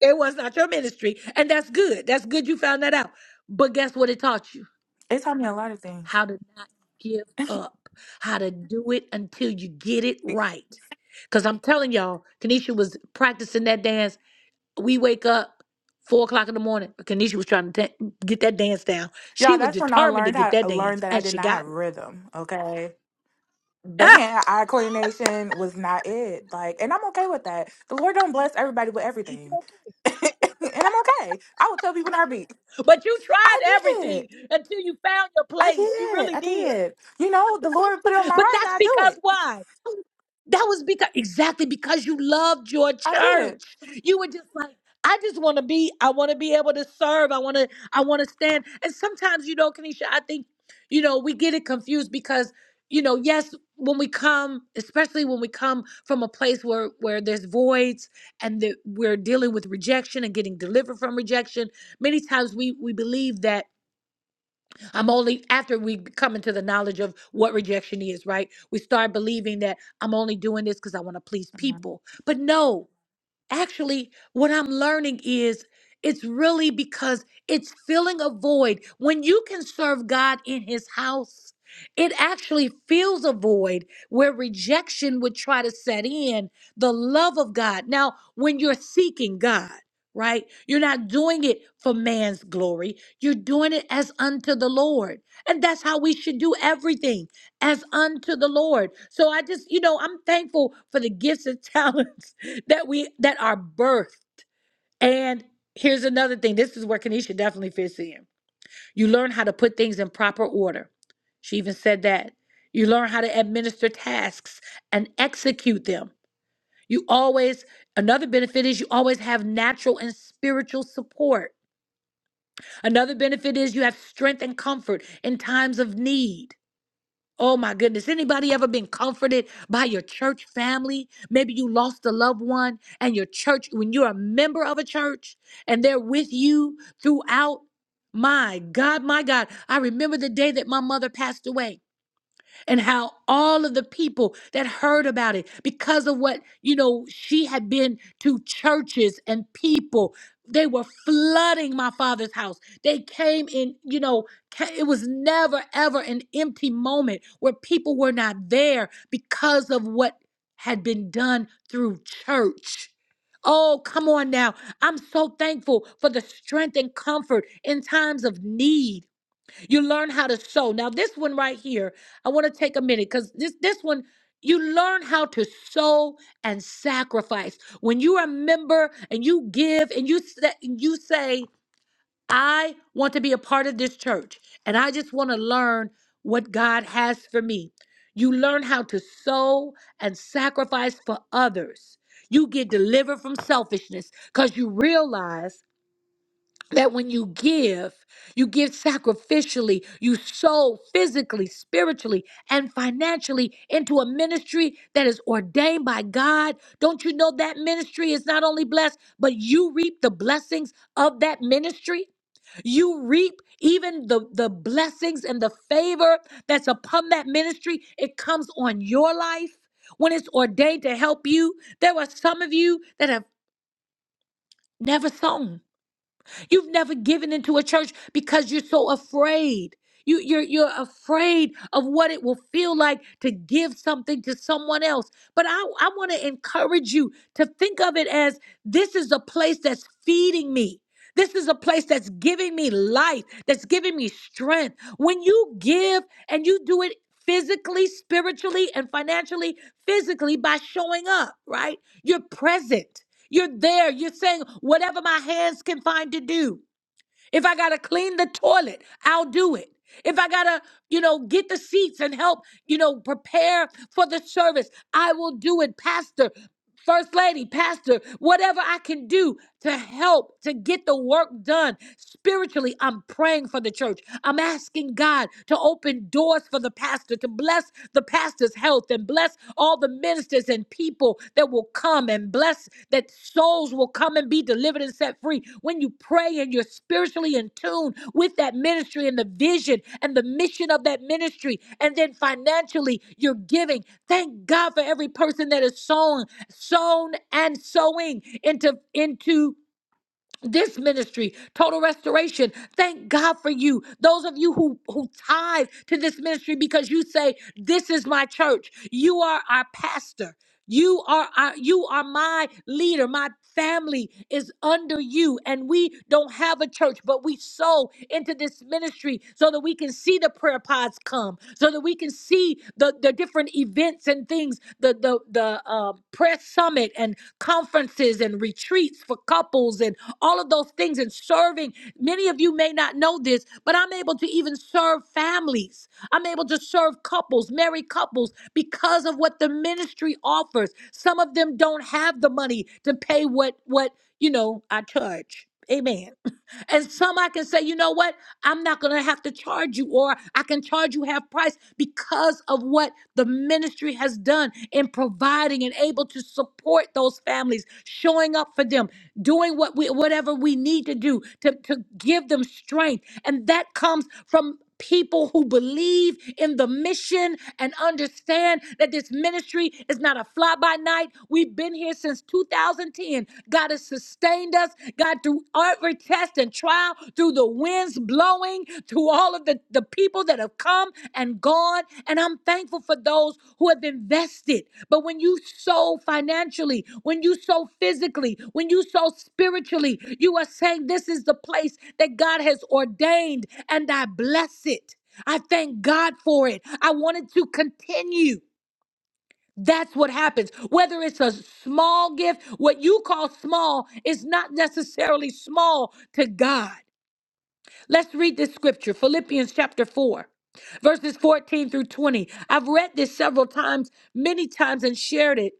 Speaker 1: it was not your ministry, and that's good. That's good you found that out. But guess what it taught you?
Speaker 2: It taught me a lot of things.
Speaker 1: How to not give up. How to do it until you get it right. Cause I'm telling y'all, Kanisha was practicing that dance we wake up four o'clock in the morning. Kanisha was trying to ta- get that dance down. She
Speaker 2: Y'all,
Speaker 1: was
Speaker 2: that's when I
Speaker 1: determined to
Speaker 2: learned
Speaker 1: get
Speaker 2: how
Speaker 1: that dance,
Speaker 2: learned that I
Speaker 1: and
Speaker 2: did
Speaker 1: she
Speaker 2: not have
Speaker 1: got it.
Speaker 2: rhythm. Okay. The
Speaker 1: Ah!
Speaker 2: hand eye coordination was not it. Like, and I'm okay with that. The Lord don't bless everybody with everything. and I'm okay. I will tell people in our
Speaker 1: but you tried
Speaker 2: I did.
Speaker 1: everything until you found your
Speaker 2: I
Speaker 1: place. You
Speaker 2: did.
Speaker 1: really
Speaker 2: I
Speaker 1: did.
Speaker 2: did. You know, the Lord put it on my
Speaker 1: But
Speaker 2: heart
Speaker 1: that's
Speaker 2: and I do
Speaker 1: because
Speaker 2: it.
Speaker 1: why? That was because exactly because you loved your
Speaker 2: I did.
Speaker 1: church. You were just like, I just want to be, I want to be able to serve. I want to, I want to stand. And sometimes, you know, Kanisha, I think, you know, we get it confused because, you know, yes, when we come, especially when we come from a place where where there's voids and that we're dealing with rejection and getting delivered from rejection, many times we we believe that I'm only after we come into the knowledge of what rejection is, right? We start believing that I'm only doing this because I want to please
Speaker 2: Mhm.
Speaker 1: people. But no, actually what i'm learning is it's really because it's filling a void when you can serve god in his house it actually fills a void where rejection would try to set in the love of god now when you're seeking god right you're not doing it for man's glory you're doing it as unto the lord and that's how we should do everything as unto the Lord. So I just, you know, I'm thankful for the gifts and talents that we that are birthed. And here's another thing. This is where Kanisha definitely fits in. You learn how to put things in proper order. She even said that. You learn how to administer tasks and execute them. You always, another benefit is you always have natural and spiritual support. Another benefit is you have strength and comfort in times of need. Oh my goodness. Anybody ever been comforted by your church family? Maybe you lost a loved one and your church, when you're a member of a church and they're with you throughout. My God, my God. I remember the day that my mother passed away and how all of the people that heard about it because of what you know she had been to churches and people they were flooding my father's house they came in you know ca- it was never ever an empty moment where people were not there because of what had been done through church Oh, come on now. I'm so thankful for the strength and comfort in times of need. You learn how to sow. Now, this one right here, I want to take a minute because this this one, you learn how to sow and sacrifice. When you remember and you give and you sa- you say, I want to be a part of this church, and I just want to learn what God has for me. You learn how to sow and sacrifice for others. You get delivered from selfishness because you realize that when you give, you give sacrificially, you sow physically, spiritually, and financially into a ministry that is ordained by God. Don't you know that ministry is not only blessed, but you reap the blessings of that ministry? You reap even the, the blessings and the favor that's upon that ministry. It comes on your life when it's ordained to help you. There are some of you that have never sown. You've never given into a church because you're so afraid. You, you're, you're afraid of what it will feel like to give something to someone else. But I, I want to encourage you to think of it as this is a place that's feeding me. This is a place that's giving me life, that's giving me strength. When you give and you do it physically, spiritually, and financially, physically by showing up, right? You're present. You're there. You're saying whatever my hands can find to do. If I gotta clean the toilet, I'll do it. If I gotta, you know, get the seats and help, you know, prepare for the service, I will do it, Pastor, First Lady, Pastor, whatever I can do to help to get the work done spiritually. I'm praying for the church. I'm asking God to open doors for the pastor, to bless the pastor pastor's health and bless all the ministers and people that will come and bless that souls will come and be delivered and set free. When you pray and you're spiritually in tune with that ministry and the vision and the mission of that ministry, and then financially you're giving. Thank God for every person that is sown, sown and sowing into into this ministry, Total Restoration. Thank God for you. Those of you who who tithe to this ministry because you say, "This is my church. You are our pastor. You are our, you are my leader. My family is under you, and we don't have a church, but we sow into this ministry so that we can see the prayer pods come, so that we can see the the different events and things, the the the uh, prayer summit and conferences and retreats for couples and all of those things and serving. Many of you may not know this, but I'm able to even serve families. I'm able to serve couples, married couples, because of what the ministry offers. Some of them don't have the money to pay what what you know I charge. Amen. And some I can say, you know what? I'm not going to have to charge you, or I can charge you half price because of what the ministry has done in providing and able to support those families, showing up for them, doing what we, whatever we need to do to, to give them strength. And that comes from people who believe in the mission and understand that this ministry is not a fly by night. We've been here since 2010. God has sustained us, God, through every test and trial, through the winds blowing, through all of the, the people that have come and gone. Lord, and I'm thankful for those who have invested. But when you sow financially, when you sow physically, when you sow spiritually, you are saying this is the place that God has ordained, and I bless it. I thank God for it. I wanted to continue. That's what happens. Whether it's a small gift, what you call small is not necessarily small to God. Let's read this scripture, Philippians chapter 4, verses 14 through 20. I've read this several times, many times, and shared it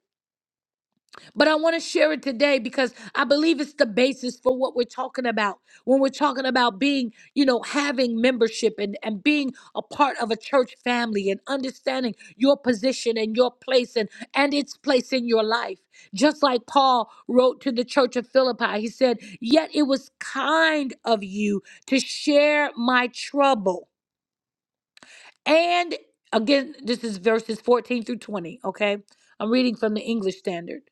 Speaker 1: but I want to share it today because I believe it's the basis for what we're talking about when we're talking about being, you know, having membership and, and being a part of a church family and understanding your position and your place and, and its place in your life. Just like Paul wrote to the church of Philippi, he said, Yet it was kind of you to share my trouble. And again, this is verses 14 through 20, okay? I'm reading from the English Standard.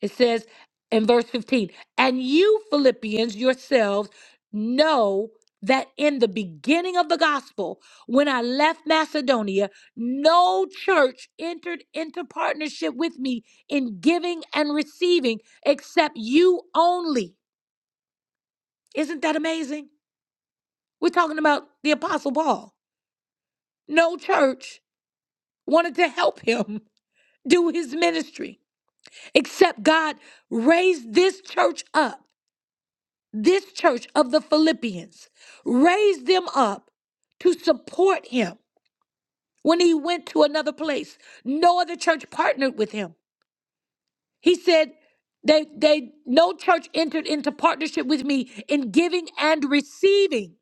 Speaker 1: It says in verse 15, and you Philippians yourselves know that in the beginning of the gospel, when I left Macedonia, no church entered into partnership with me in giving and receiving except you only. Isn't that amazing? We're talking about the Apostle Paul. No church wanted to help him do his ministry except God raised this church up, this church of the Philippians, raised them up to support him when he went to another place. No other church partnered with him. He said, they, they no church entered into partnership with me in giving and receiving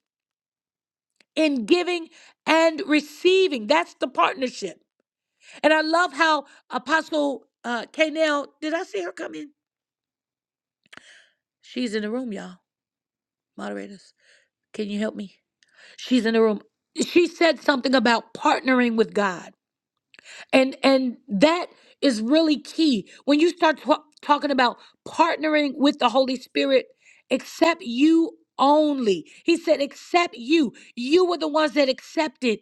Speaker 1: in giving and receiving that's the partnership and i love how apostle uh Kanell, did i see her come in she's in the room y'all moderators, can you help me? She's in the room. She said something about partnering with God. And and that is really key. When you start ta- talking about partnering with the Holy Spirit, except you only. He said except you. You were the ones that accepted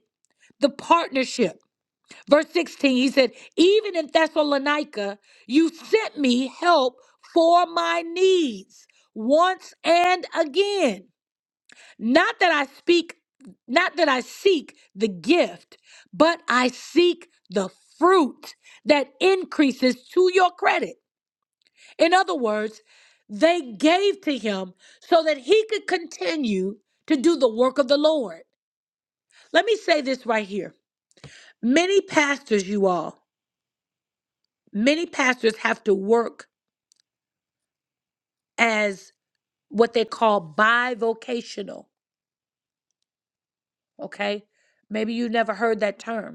Speaker 1: the partnership. Verse 16, he said, "Even in Thessalonica, you sent me help for my needs once and again." Not that I speak, not that I seek the gift, but I seek the fruit that increases to your credit. In other words, they gave to him so that he could continue to do the work of the Lord. Let me say this right here. Many pastors, you all, many pastors have to work as what they call bivocational, okay? Maybe you never heard that term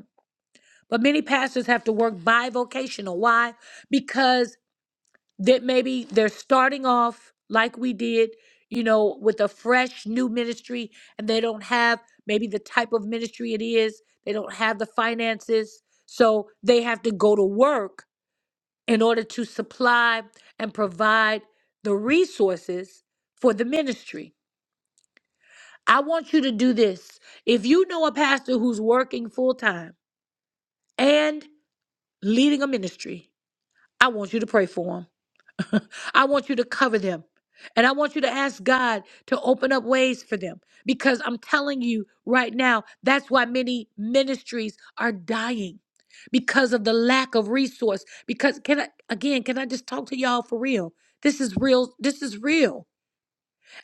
Speaker 1: But many pastors have to work bivocational. Why? Because that maybe they're starting off like we did, you know, with a fresh new ministry and they don't have maybe the type of ministry it is, they don't have the finances. So they have to go to work in order to supply and provide the resources for the ministry. I want you to do this. If you know a pastor who's working full time and leading a ministry, I want you to pray for them. I want you to cover them. And I want you to ask God to open up ways for them because I'm telling you right now, that's why many ministries are dying because of the lack of resource. Because, can I, again, can I just talk to y'all for real? This is real. This is real.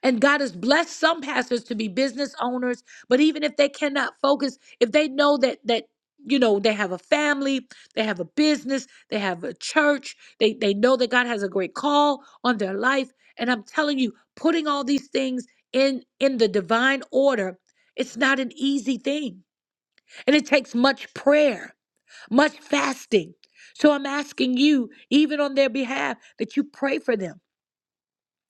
Speaker 1: And God has blessed some pastors to be business owners, but even if they cannot focus, if they know that that you know they have a family, they have a business, they have a church, they they know that God has a great call on their life, and I'm telling you, putting all these things in in the divine order, it's not an easy thing. And it takes much prayer, much fasting. So I'm asking you, even on their behalf, that you pray for them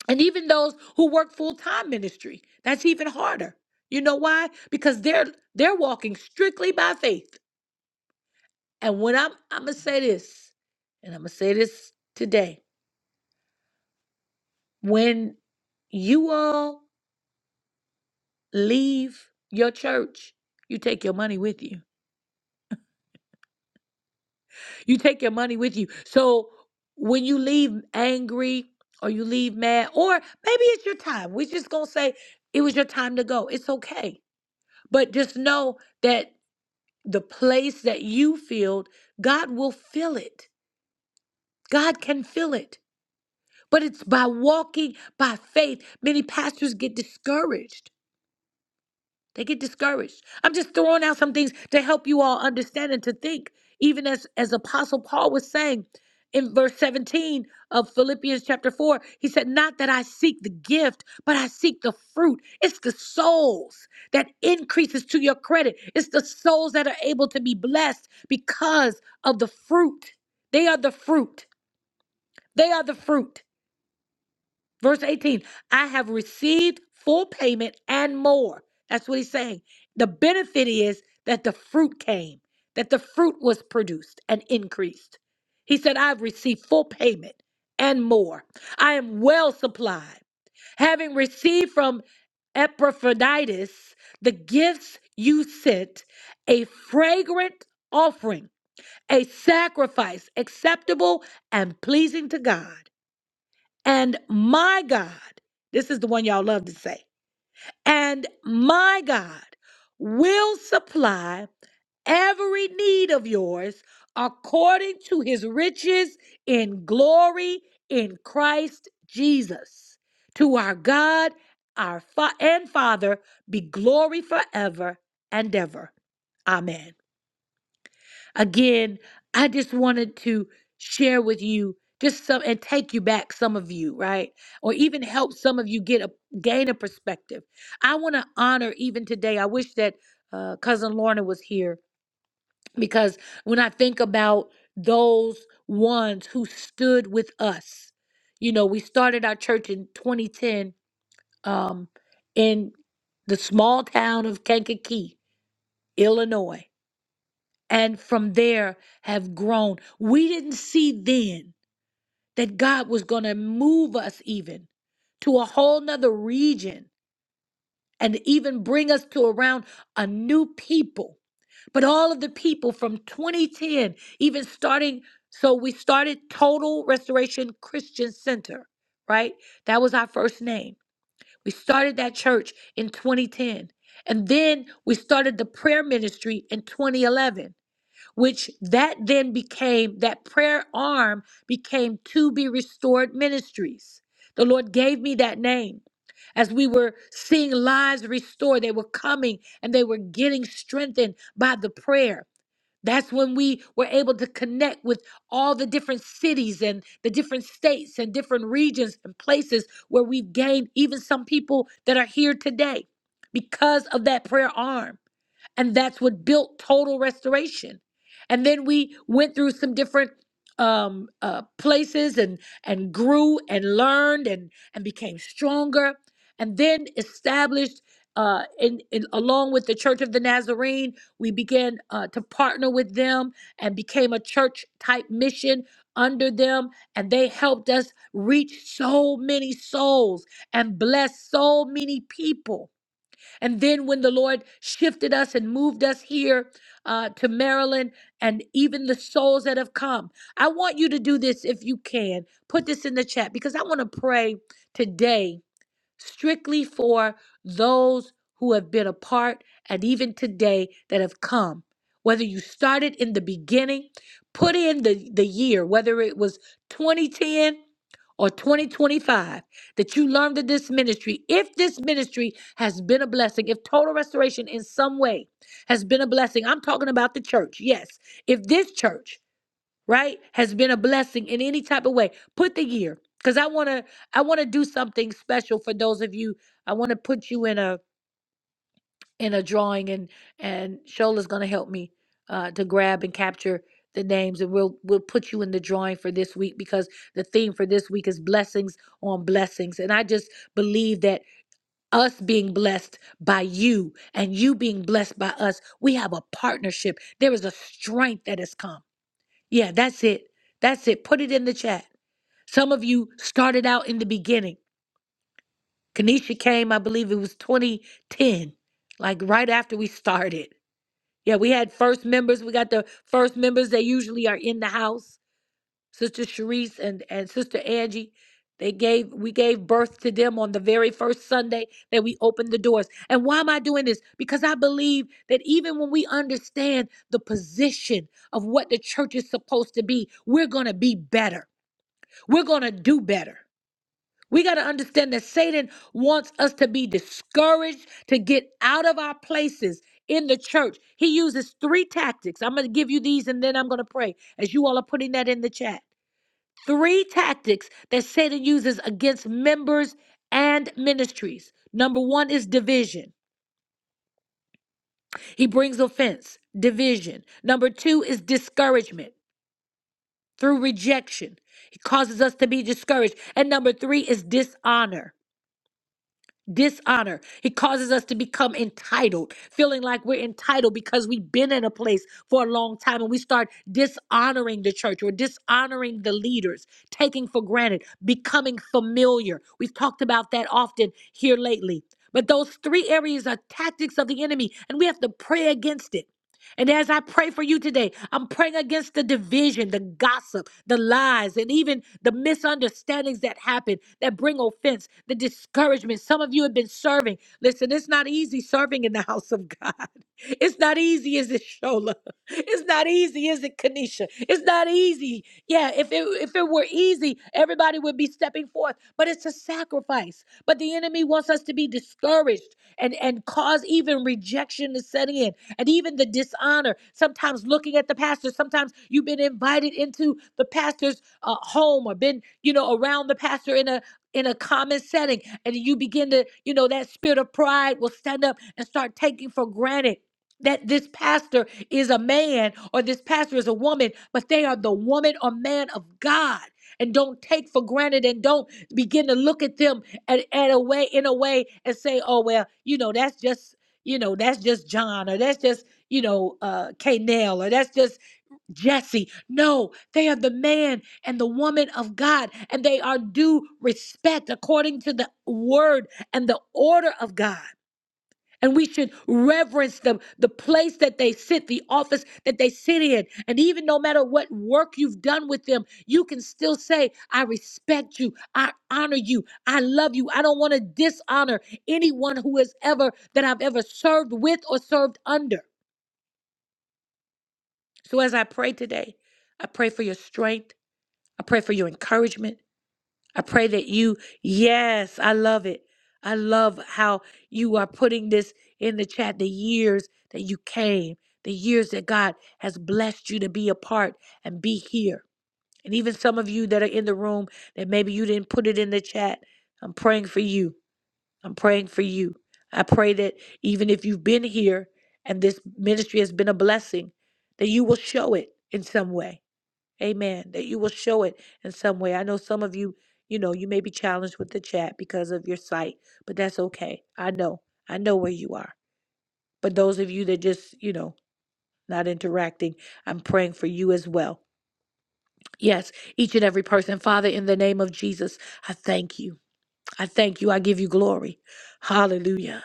Speaker 1: and even those who work full-time ministry, that's even harder. You know why? Because they're they're walking strictly by faith. And when I'm I'm gonna say this, and I'm gonna say this today. When you all leave your church, you take your money with you. You take your money with you. So when you leave angry or you leave mad, or maybe it's your time. We're just gonna say it was your time to go. It's okay. But just know that the place that you filled, God will fill it. God can fill it. But it's by walking by faith. Many pastors get discouraged they get discouraged. I'm just throwing out some things to help you all understand and to think. Even as, as Apostle Paul was saying in verse 17 of Philippians chapter 4, he said, Not that I seek the gift, but I seek the fruit. It's the souls that increases to your credit. It's the souls that are able to be blessed because of the fruit. They are the fruit. They are the fruit. Verse 18, I have received full payment and more. That's what he's saying. The benefit is that the fruit came, that the fruit was produced and increased. He said, I've received full payment and more. I am well supplied. Having received from Epaphroditus the gifts you sent, a fragrant offering, a sacrifice acceptable and pleasing to God. And my God, this is the one y'all love to say, and my God will supply every need of yours according to his riches in glory in Christ Jesus. To our God, our fa- and Father, be glory forever and ever. Amen. Again, I just wanted to share with you just some and take you back some of you, right? Or even help some of you get a gain a perspective. I want to honor even today. I wish that uh, cousin Lorna was here because when I think about those ones who stood with us, you know, we started our church in 2010 um, in the small town of Kankakee, Illinois and from there have grown. We didn't see then that God was going to move us even to a whole nother region and even bring us to around a new people. But all of the people from 2010, even starting, so we started Total Restoration Christian Center, right? That was our first name. We started that church in 2010. And then we started the prayer ministry in 2011 which that then became that prayer arm became to be restored ministries the lord gave me that name as we were seeing lives restored they were coming and they were getting strengthened by the prayer that's when we were able to connect with all the different cities and the different states and different regions and places where we've gained even some people that are here today because of that prayer arm and that's what built total restoration and then we went through some different um uh places and and grew and learned and and became stronger and then established uh in, in along with the church of the nazarene we began uh, to partner with them and became a church type mission under them and they helped us reach so many souls and bless so many people and then when the Lord shifted us and moved us here uh, to Maryland, and even the souls that have come, I want you to do this if you can. Put this in the chat because I want to pray today strictly for those who have been a part and even today that have come. Whether you started in the beginning, put in the, the year, whether it was 2010 or 2025 that you learned that this ministry, if this ministry has been a blessing, if total restoration in some way has been a blessing, I'm talking about the church, yes. If this church right has been a blessing in any type of way put the year because i want to i want to do something special for those of you i want to put you in a in a drawing and and shola's going to help me uh to grab and capture the names and we'll we'll put you in the drawing for this week because the theme for this week is blessings on blessings and i just believe that us being blessed by you and you being blessed by us we have a partnership there is a strength that has come yeah, that's it. That's it. Put it in the chat. Some of you started out in the beginning. Kanisha came, I believe it was 2010, like right after we started. Yeah, we had first members. We got the first members. They usually are in the house. Sister Sharice and, and Sister Angie. They gave we gave birth to them on the very first Sunday that we opened the doors. And why am I doing this? Because I believe that even when we understand the position of what the church is supposed to be, we're gonna be better we're going to do better. We got to understand that Satan wants us to be discouraged, to get out of our places in the church. He uses three tactics. I'm going to give you these and then I'm going to pray as you all are putting that in the chat. Three tactics that Satan uses against members and ministries. Number one is division. He brings offense, division. Number two is discouragement through rejection. He causes us to be discouraged. And number three is dishonor. dishonor. It causes us to become entitled, feeling like we're entitled because we've been in a place for a long time and we start dishonoring the church or dishonoring the leaders, taking for granted, becoming familiar. We've talked about that often here lately. But those three areas are tactics of the enemy, and we have to pray against it. And as I pray for you today, I'm praying against the division, the gossip, the lies, and even the misunderstandings that happen that bring offense, the discouragement. Some of you have been serving. Listen, it's not easy serving in the house of God. It's not easy, is it, Shola? It's not easy, is it, Kanisha? It's not easy. Yeah, if it if it were easy, everybody would be stepping forth, but it's a sacrifice. But the enemy wants us to be discouraged and, and cause even rejection to set in and even the dishonor. Sometimes looking at the pastor, sometimes you've been invited into the pastor's uh, home or been, you know, around the pastor in a in a common setting and you begin to you know that spirit of pride will stand up and start taking for granted that this pastor is a man or this pastor is a woman but they are the woman or man of god and don't take for granted and don't begin to look at them at, at a way in a way and say, oh well, you know, that's just you know, that's just John or that's just, you know, uh K Nell or that's just Jesse. No, they are the man and the woman of God, and they are due respect according to the word and the order of God. And we should reverence them, the place that they sit, the office that they sit in. And even no matter what work you've done with them, you can still say, I respect you. I honor you. I love you. I don't want to dishonor anyone who has ever, that I've ever served with or served under. So as I pray today, I pray for your strength. I pray for your encouragement. I pray that you, yes, I love it. I love how you are putting this in the chat the years that you came, the years that God has blessed you to be a part and be here. And even some of you that are in the room that maybe you didn't put it in the chat, I'm praying for you. I'm praying for you. I pray that even if you've been here and this ministry has been a blessing, that you will show it in some way Amen. That you will show it in some way. I know some of you, you know, you may be challenged with the chat because of your sight, but that's okay. I know. I know where you are. But those of you that just, you know, not interacting, I'm praying for you as well. Yes, each and every person. Father, in the name of Jesus, I thank you. I thank you. I give you glory. Hallelujah.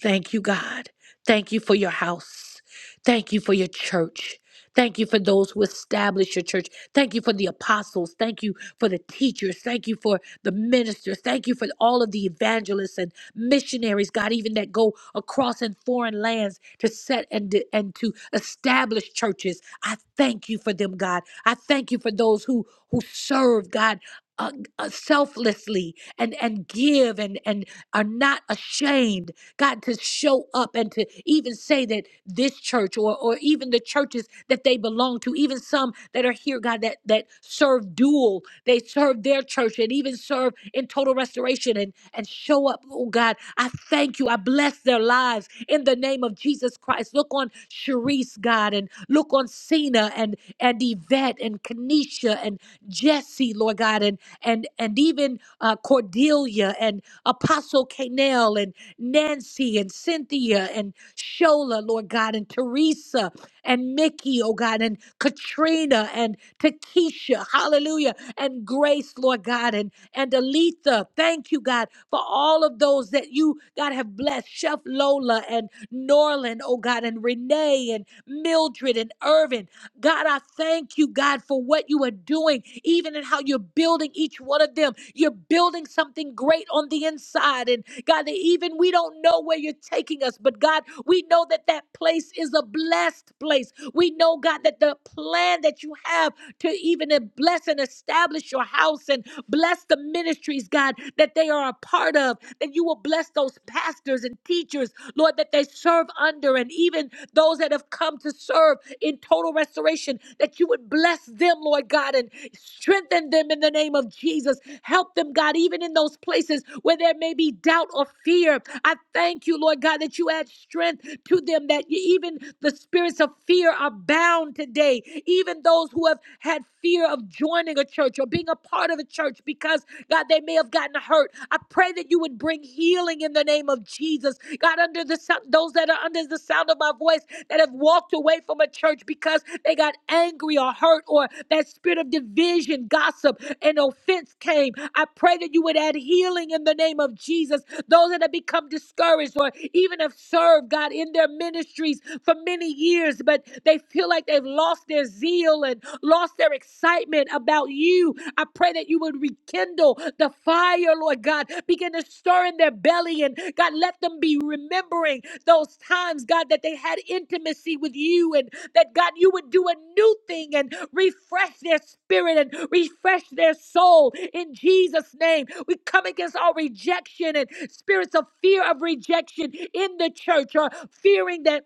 Speaker 1: Thank you, God. Thank you for your house. Thank you for your church. Thank you for those who establish your church. Thank you for the apostles. Thank you for the teachers. Thank you for the ministers. Thank you for all of the evangelists and missionaries, God, even that go across in foreign lands to set and, to- and to establish churches. I thank you for them, God. I thank you for those who, who serve, God, uh, uh, selflessly and and give and and are not ashamed god to show up and to even say that this church or or even the churches that they belong to even some that are here god that that serve dual they serve their church and even serve in total restoration and and show up oh god i thank you i bless their lives in the name of jesus christ look on Sharice, god and look on cena and and Yvette and Kenesha and Jesse, Lord God, and and and even uh, Cordelia and Apostle Canel and Nancy and Cynthia and Shola, Lord God, and Teresa and Mickey, oh God, and Katrina and Takesha, hallelujah, and Grace, Lord God, and and Aletha. Thank you, God, for all of those that you, God, have blessed. Chef Lola and Norland, oh oh God, and Renee and Mildred and Irvin. God, I thank you, God, for what you are doing, even in how you're building each one of them. You're building something great on the inside. And God, that even we don't know where you're taking us, but God, we know that that place is a blessed place. We know, God, that the plan that you have to even bless and establish your house and bless the ministries, God, that they are a part of, that you will will bless those pastors and teachers, Lord, that they serve under, and even those that have come to serve in total restoration, that you would bless them, Lord God, and strengthen them in the name of Jesus. Help them, God, even in those places where there may be doubt or fear. I thank you, Lord God, that you add strength to them, that even the spirits of fear are bound today. Even those who have had fear of joining a church or being a part of a church church because, God, they may have gotten hurt. I pray that you would bring healing in the name of Jesus. God, under the sound, those that are under the sound of my voice that have walked away from a church because they got angry or hurt or that spirit of division, gossip, and offense came. I pray that you would add healing in the name of Jesus. Those that have become discouraged or even have served, God, in their ministries for many years, but they feel like they've lost their zeal zeal and lost their excitement about you. I pray that you would rekindle the fire, Lord God. Begin to stir in their belly and God, let them be remembering those times, God, that they had intimacy with you and that God, you would do a new thing and refresh their spirit and refresh their soul in Jesus' name. We come against all rejection and spirits of fear of rejection in the church or fearing that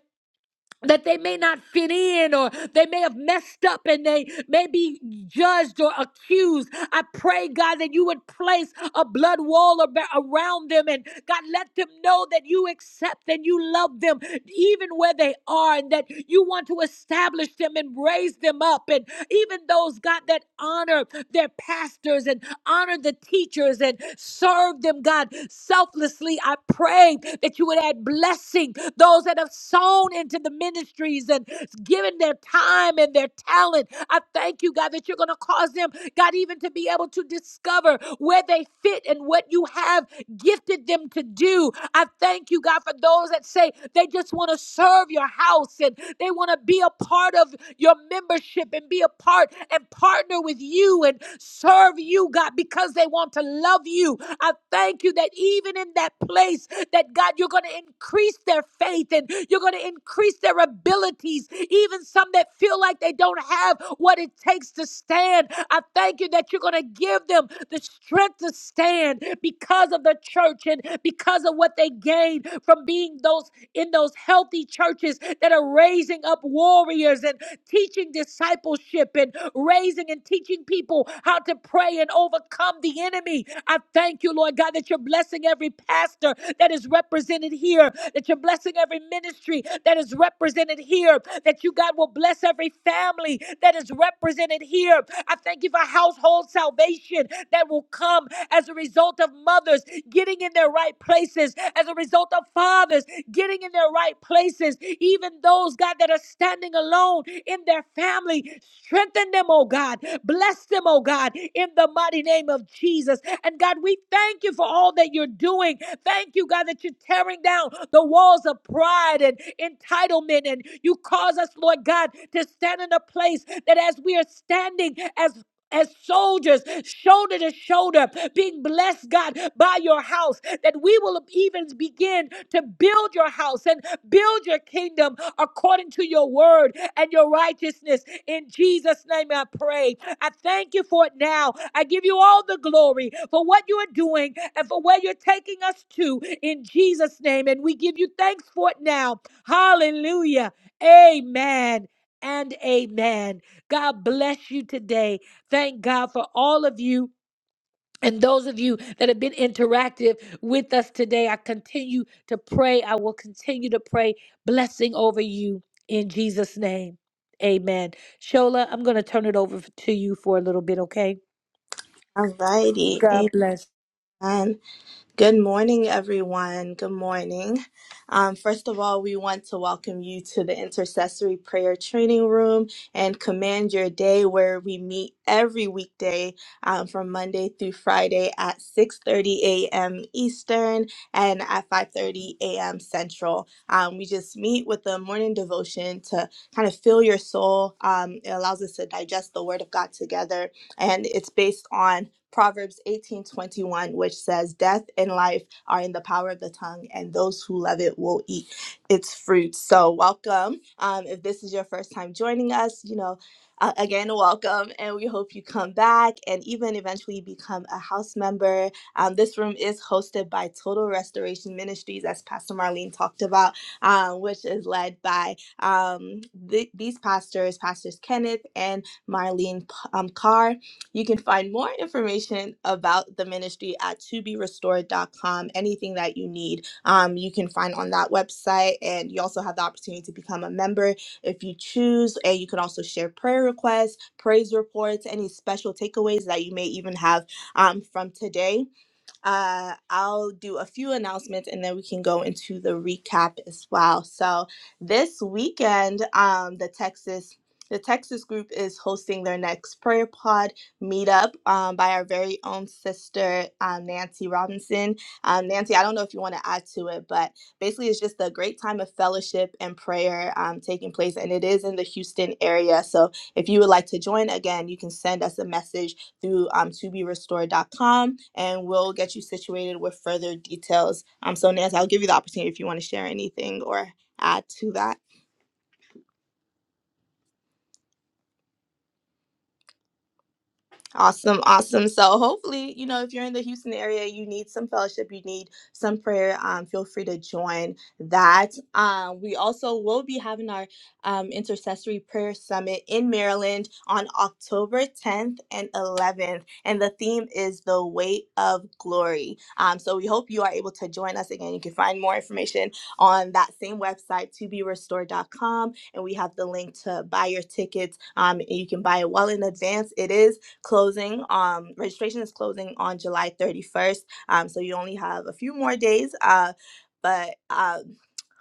Speaker 1: that they may not fit in or they may have messed up and they may be judged or accused. I pray, God, that you would place a blood wall ab- around them and God, let them know that you accept and you love them even where they are and that you want to establish them and raise them up. And even those, God, that honor their pastors and honor the teachers and serve them, God, selflessly, I pray that you would add blessing those that have sown into the ministry ministries and giving their time and their talent. I thank you, God, that you're going to cause them, God, even to be able to discover where they fit and what you have gifted them to do. I thank you, God, for those that say they just want to serve your house and they want to be a part of your membership and be a part and partner with you and serve you, God, because they want to love you. I thank you that even in that place, that God, you're going to increase their faith and you're going to increase their their abilities, even some that feel like they don't have what it takes to stand. I thank you that you're going to give them the strength to stand because of the church and because of what they gain from being those in those healthy churches that are raising up warriors and teaching discipleship and raising and teaching people how to pray and overcome the enemy. I thank you, Lord God, that you're blessing every pastor that is represented here, that you're blessing every ministry that is represented represented here, that you, God, will bless every family that is represented here. I thank you for household salvation that will come as a result of mothers getting in their right places, as a result of fathers getting in their right places, even those, God, that are standing alone in their family. Strengthen them, oh God. Bless them, oh God, in the mighty name of Jesus. And God, we thank you for all that you're doing. Thank you, God, that you're tearing down the walls of pride and entitlement and in. You cause us, Lord God, to stand in a place that as we are standing as as soldiers, shoulder to shoulder, being blessed, God, by your house, that we will even begin to build your house and build your kingdom according to your word and your righteousness. In Jesus' name, I pray. I thank you for it now. I give you all the glory for what you are doing and for where you're taking us to in Jesus' name. And we give you thanks for it now. Hallelujah. Amen and amen. God bless you today. Thank God for all of you. And those of you that have been interactive with us today, I continue to pray. I will continue to pray blessing over you in Jesus' name. Amen. Shola, I'm going to turn it over to you for a little bit, okay?
Speaker 3: Alrighty,
Speaker 1: God bless.
Speaker 3: amen. Good morning, everyone. Good morning. Um, first of all, we want to welcome you to the Intercessory Prayer Training Room and Command Your Day, where we meet every weekday um, from Monday through Friday at 6:30 a.m. Eastern and at 5:30 a.m. Central. Um, we just meet with the morning devotion to kind of fill your soul. Um, it allows us to digest the Word of God together, and it's based on Proverbs 18:21 which says death and life are in the power of the tongue and those who love it will eat its fruit. So welcome. Um, if this is your first time joining us, you know, uh, again welcome and we hope you come back and even eventually become a house member. Um, this room is hosted by Total Restoration Ministries as Pastor Marlene talked about, um, which is led by um, th- these pastors, Pastors Kenneth and Marlene P- um, Carr you can find more information about the ministry at toberestored.com. Anything that you need, um, you can find on that website. And you also have the opportunity to become a member if you choose. And you can also share prayer requests, praise reports, any special takeaways that you may even have um, from today uh, I'll do a few announcements and then we can go into the recap as well. So this weekend, um, the Texas the Texas group is hosting their next prayer pod meetup um, by our very own sister um, Nancy Robinson. Um, Nancy, I don't know if you want to add to it, but basically it's just a great time of fellowship and prayer um, taking place, and it is in the Houston area. So if you would like to join again, you can send us a message through um, toberestored.com and we'll get you situated with further details. Um, so, Nancy, I'll give you the opportunity if you want to share anything or add to that. Awesome, awesome. So hopefully, you know, if you're in the Houston area, you need some fellowship, you need some prayer. Um, feel free to join that. Um, we also will be having our um, intercessory prayer summit in Maryland on October 10th and 11th, and the theme is the weight of glory. Um, so we hope you are able to join us again. You can find more information on that same website, to be restored.com, and we have the link to buy your tickets. Um, and you can buy it well in advance. It is closing. Um, registration is closing on July 31st. Um, so you only have a few more days. Uh, but um,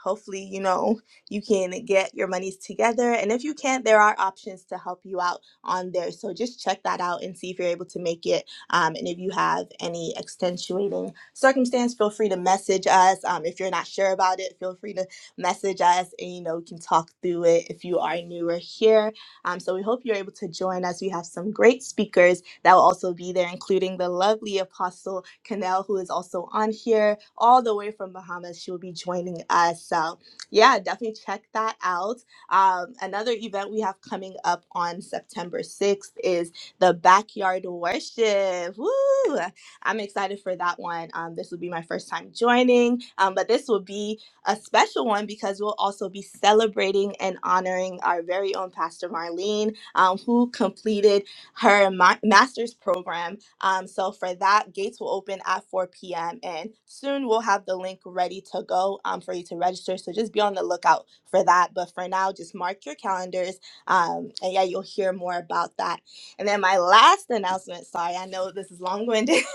Speaker 3: hopefully, you know, you can get your monies together. And if you can't, there are options to help you out on there. So just check that out and see if you're able to make it. Um, and if you have any extenuating circumstance, feel free to message us. Um, if you're not sure about it, feel free to message us and, you know, we can talk through it if you are newer here um, so we hope you're able to join us. We have some great speakers that will also be there, including the lovely Apostle Canel, who is also on here all the way from Bahamas. She will be joining us. So yeah, definitely check that out. Um, another event we have coming up on September 6th is the Backyard Worship. Woo! I'm excited for that one. Um, this will be my first time joining, um, but this will be a special one because we'll also be celebrating and honoring our very own Pastor Marlene, um, who completed her ma- master's program. Um, so for that, gates will open at 4 p.m. and soon we'll have the link ready to go um, for you to register. So just be on the lookout for that. But for now, just mark your calendars, um, and yeah, you'll hear more about that. And then my last announcement. Sorry, I know this is long-winded,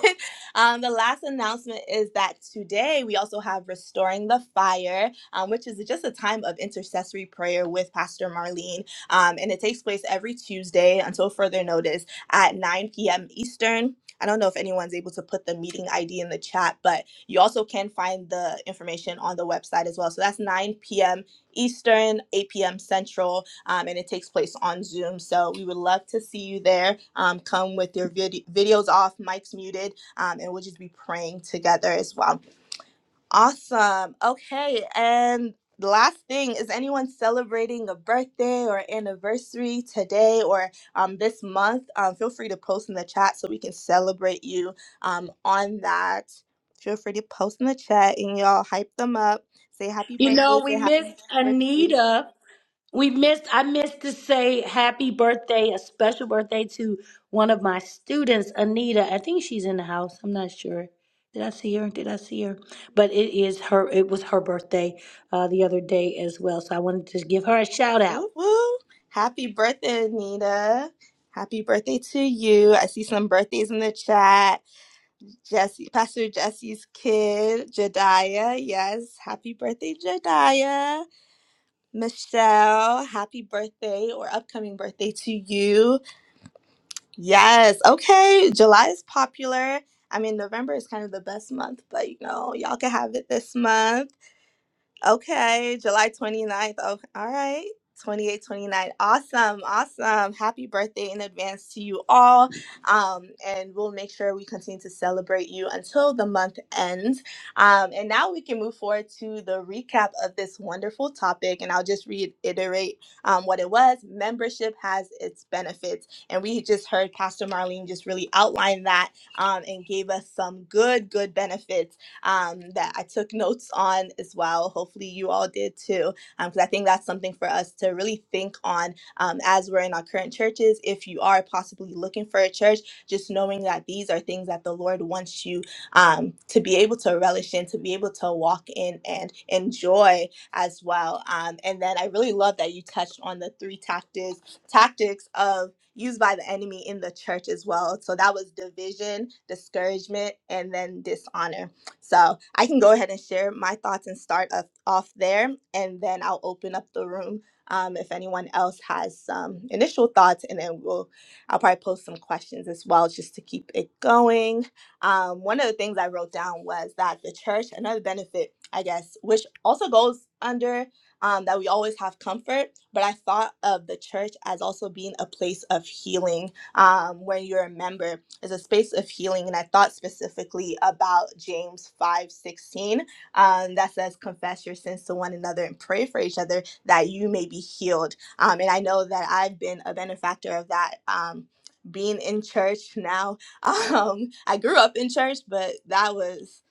Speaker 3: Um, the last announcement is that today we also have Restoring the Fire, um, which is just a time of intercessory prayer with Pastor Marlene. Um, and it takes place every Tuesday until further notice at 9 p.m. Eastern. I don't know if anyone's able to put the meeting ID in the chat, but you also can find the information on the website as well. So that's 9 p.m. Eastern, 8 p.m. Central, um, and it takes place on Zoom. So we would love to see you there. Um, come with your vid- videos off, mics muted, um, and we'll just be praying together as well. Awesome. Okay, and the last thing is anyone celebrating a birthday or anniversary today or um, this month? Um, feel free to post in the chat so we can celebrate you um, on that. Feel free to post in the chat and y'all hype them up. Say happy
Speaker 1: You
Speaker 3: birthday.
Speaker 1: know, we
Speaker 3: Say happy
Speaker 1: missed
Speaker 3: birthday.
Speaker 1: Anita. We missed, I missed to say happy birthday, a special birthday to one of my students, Anita. I think she's in the house. I'm not sure. Did I see her? Did I see her? But it is her, it was her birthday uh, the other day as well. So I wanted to give her a shout out.
Speaker 3: Woo woo. Happy birthday, Anita. Happy birthday to you. I see some birthdays in the chat. Jesse, Pastor Jesse's kid, Jediah. Yes, happy birthday, Jediah. Michelle, happy birthday or upcoming birthday to you. Yes, okay. July is popular. I mean, November is kind of the best month, but you know, y'all can have it this month. Okay, July 29th. Oh, all right. eight, twenty nine. Awesome. Awesome. Happy birthday in advance to you all. Um, and we'll make sure we continue to celebrate you until the month ends. Um, and now we can move forward to the recap of this wonderful topic. And I'll just reiterate um, what it was. Membership has its benefits. And we just heard Pastor Marlene just really outline that um, and gave us some good, good benefits um, that I took notes on as well. Hopefully, you all did too, because I think that's something for us to really think on um, as we're in our current churches. If you are possibly looking for a church, just knowing that these are things that the Lord wants you um, to be able to relish in, to be able to walk in and enjoy as well. Um, and then I really love that you touched on the three tactics tactics of used by the enemy in the church as well. So that was division, discouragement, and then dishonor. So I can go ahead and share my thoughts and start off, off there, and then I'll open up the room um, if anyone else has some initial thoughts, and then we'll I'll probably post some questions as well just to keep it going. Um, one of the things I wrote down was that the church, another benefit, I guess, which also goes under um, that we always have comfort, but I thought of the church as also being a place of healing um, when you're a member is a space of healing and i thought specifically about james 5 16, um, that says confess your sins to one another and pray for each other that you may be healed um, and i know that i've been a benefactor of that um, being in church now um, i grew up in church but that was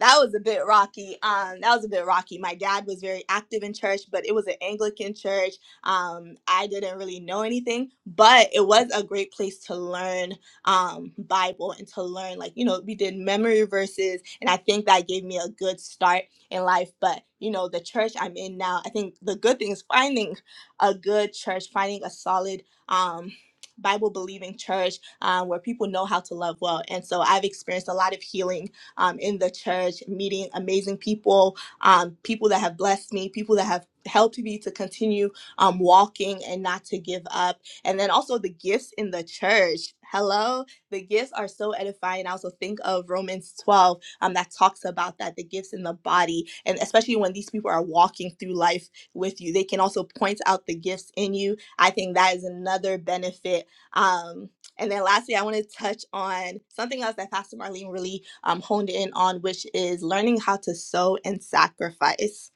Speaker 3: that was a bit rocky um, that was a bit rocky my dad was very active in church but it was an anglican church um, i didn't really know anything but it was a great place to learn um, Bible and to learn. Like, you know, we did memory verses, and I think that gave me a good start in life. But, you know, the church I'm in now, I think the good thing is finding a good church, finding a solid, um, Bible believing church um, where people know how to love well. And so I've experienced a lot of healing um, in the church, meeting amazing people, um, people that have blessed me, people that have helped me to continue um, walking and not to give up and then also the gifts in the church. Hello, the gifts are so edifying. I also think of Romans 12 um, that talks about that the gifts in the body, and especially when these people are walking through life with you, they can also point out the gifts in you. I think that is another benefit. Um, and then lastly, I want to touch on something else that Pastor Marlene really um, honed in on, which is learning how to sow and sacrifice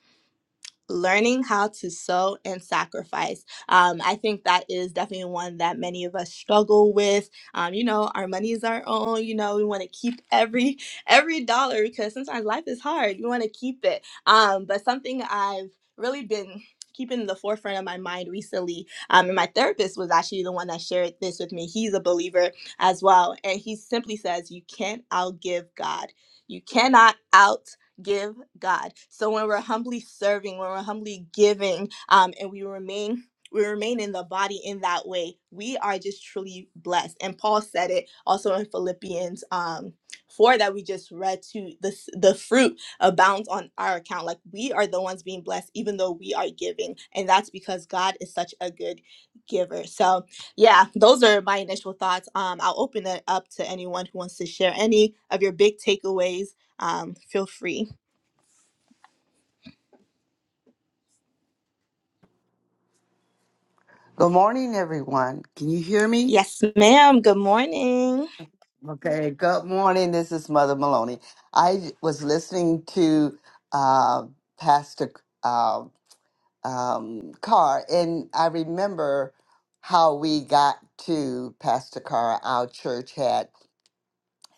Speaker 3: learning how to sow and sacrifice. Um, I think that is definitely one that many of us struggle with. Um, you know, our money is our own. You know, we want to keep every every dollar because sometimes life is hard. You want to keep it. Um, but something I've really been keeping in the forefront of my mind recently um, and my therapist was actually the one that shared this with me he's a believer as well and he simply says you can't outgive god you cannot out." give God. So when we're humbly serving, when we're humbly giving, um, and we remain we remain in the body in that way, we are just truly blessed. And Paul said it also in Philippians um four that we just read to the s- the fruit abounds on our account. Like we are the ones being blessed, even though we are giving, and that's because God is such a good giver. So yeah, those are my initial thoughts. Um, I'll open it up to anyone who wants to share any of your big takeaways. Um, feel free.
Speaker 4: Good morning, everyone. Can you hear me?
Speaker 3: Yes, ma'am. Good morning.
Speaker 4: Okay. Good morning. This is Mother Maloney. I was listening to uh, Pastor uh, um, Carr, and I remember how we got to Pastor Carr. Our church had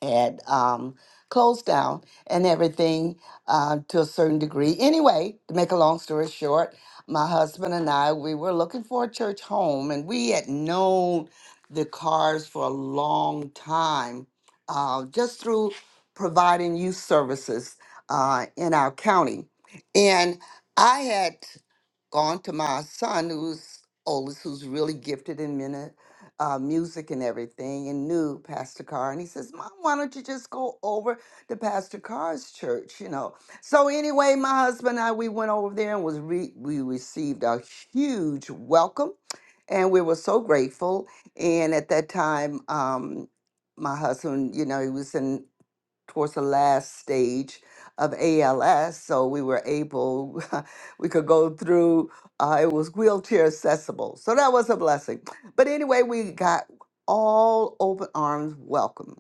Speaker 4: had um, closed down and everything uh, to a certain degree. Anyway, to make a long story short, my husband and I we were looking for a church home, and we had known the cars for a long time, uh, just through providing youth services uh, in our county, and I had gone to my son who's oldest who's really gifted in minute uh, music and everything and knew pastor carr and he says mom why don't you just go over to pastor carr's church you know so anyway my husband and i we went over there and was re- we received a huge welcome and we were so grateful and at that time um, my husband you know he was in towards the last stage of ALS. So we were able, we could go through, uh, it was wheelchair accessible. So that was a blessing. But anyway, we got all open arms welcome.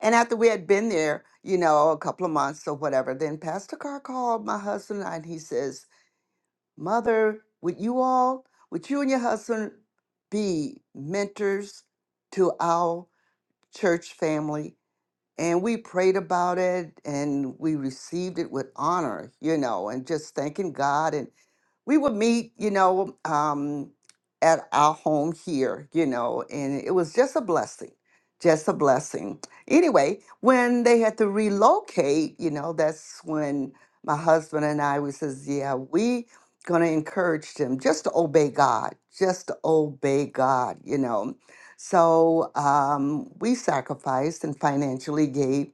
Speaker 4: And after we had been there, you know, a couple of months or whatever, then Pastor Carr called my husband and I, and he says, Mother, would you all, would you and your husband be mentors to our church family? and we prayed about it and we received it with honor you know and just thanking god and we would meet, you know, um, at our home here, you know, and it was just a blessing, just a blessing. Anyway, when they had to relocate, you know, that's when my husband and I we says, yeah, we gonna encourage them just to obey God, just to obey God, you know. So um, we sacrificed and financially gave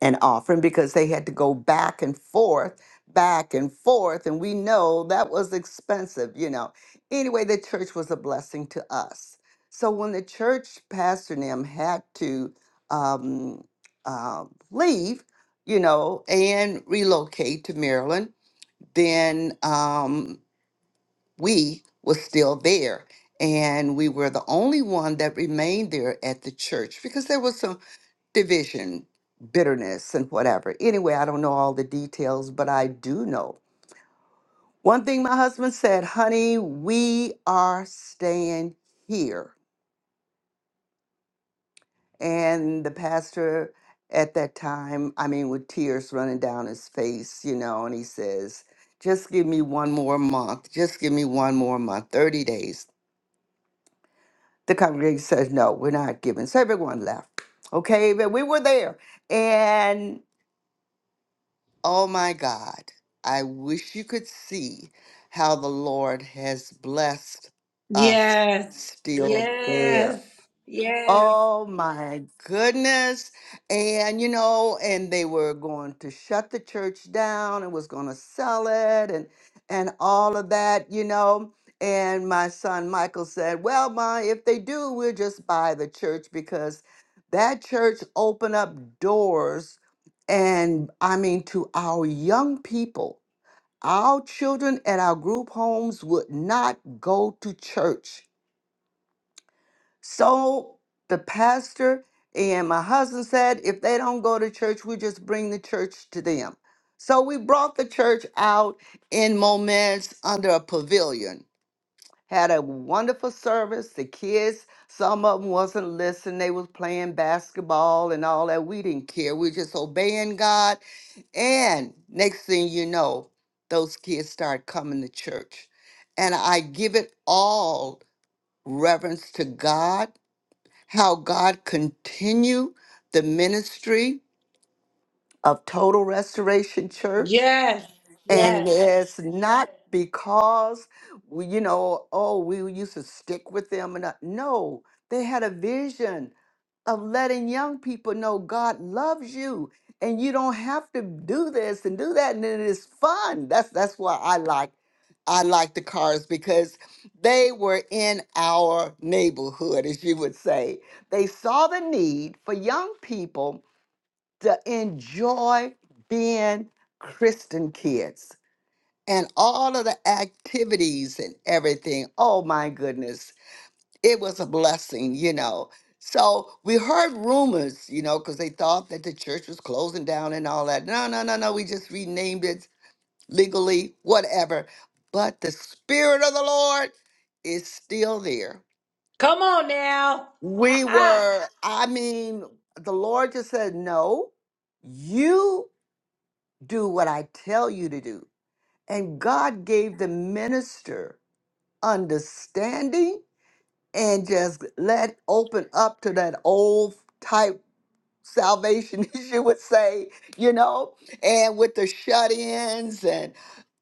Speaker 4: an offering because they had to go back and forth, back and forth. And we know that was expensive, you know. Anyway, the church was a blessing to us. So when the church pastor and them had to um, uh, leave, you know, and relocate to Maryland, then um, we was still there. And we were the only one that remained there at the church because there was some division, bitterness, and whatever. Anyway, I don't know all the details, but I do know one thing my husband said, honey, we are staying here. And the pastor at that time, I mean, with tears running down his face, you know, and he says, just give me one more month. Just give me one more month, 30 days. The congregation says, no, we're not giving. So everyone left. Okay, but we were there. And Oh my God, I wish you could see how the Lord has blessed us
Speaker 1: Yes,
Speaker 4: still there.
Speaker 1: yes, yes,
Speaker 4: Oh my goodness. And you know, and they were going to shut the church down and was going to sell it and and all of that, you know. And my son Michael said, "Well, ma, if they do, we'll just buy the church because that church opened up doors and I mean to our young people. Our children at our group homes would not go to church so the pastor and my husband said, if they don't go to church, we just bring the church to them. So we brought the church out in moments under a pavilion. Had a wonderful service. The kids, some of them wasn't listening. They was playing basketball and all that. We didn't care. We just obeying God. And next thing you know, those kids start coming to church. And I give it all reverence to God how God continue the ministry of Total Restoration Church.
Speaker 1: yes,
Speaker 4: And
Speaker 1: yes.
Speaker 4: it's not because, we, you know, oh, we used to stick with them. And not- no, they had a vision of letting young people know God loves you and you don't have to do this and do that and it is fun. That's that's why I like I like the cars because they were in our neighborhood as you would say. They saw the need for young people to enjoy being Christian kids and all of the activities and everything. Oh my goodness it was a blessing, you know. So we heard rumors, you know, because they thought that the church was closing down and all that. No, no, no, no. We just renamed it legally, whatever. But the Spirit of the Lord is still there.
Speaker 1: Come on now.
Speaker 4: We were, I mean, the Lord just said, no, you do what I tell you to do. And God gave the minister understanding and just let open up to that old type salvation, as you would say, you know, and with the shut ins and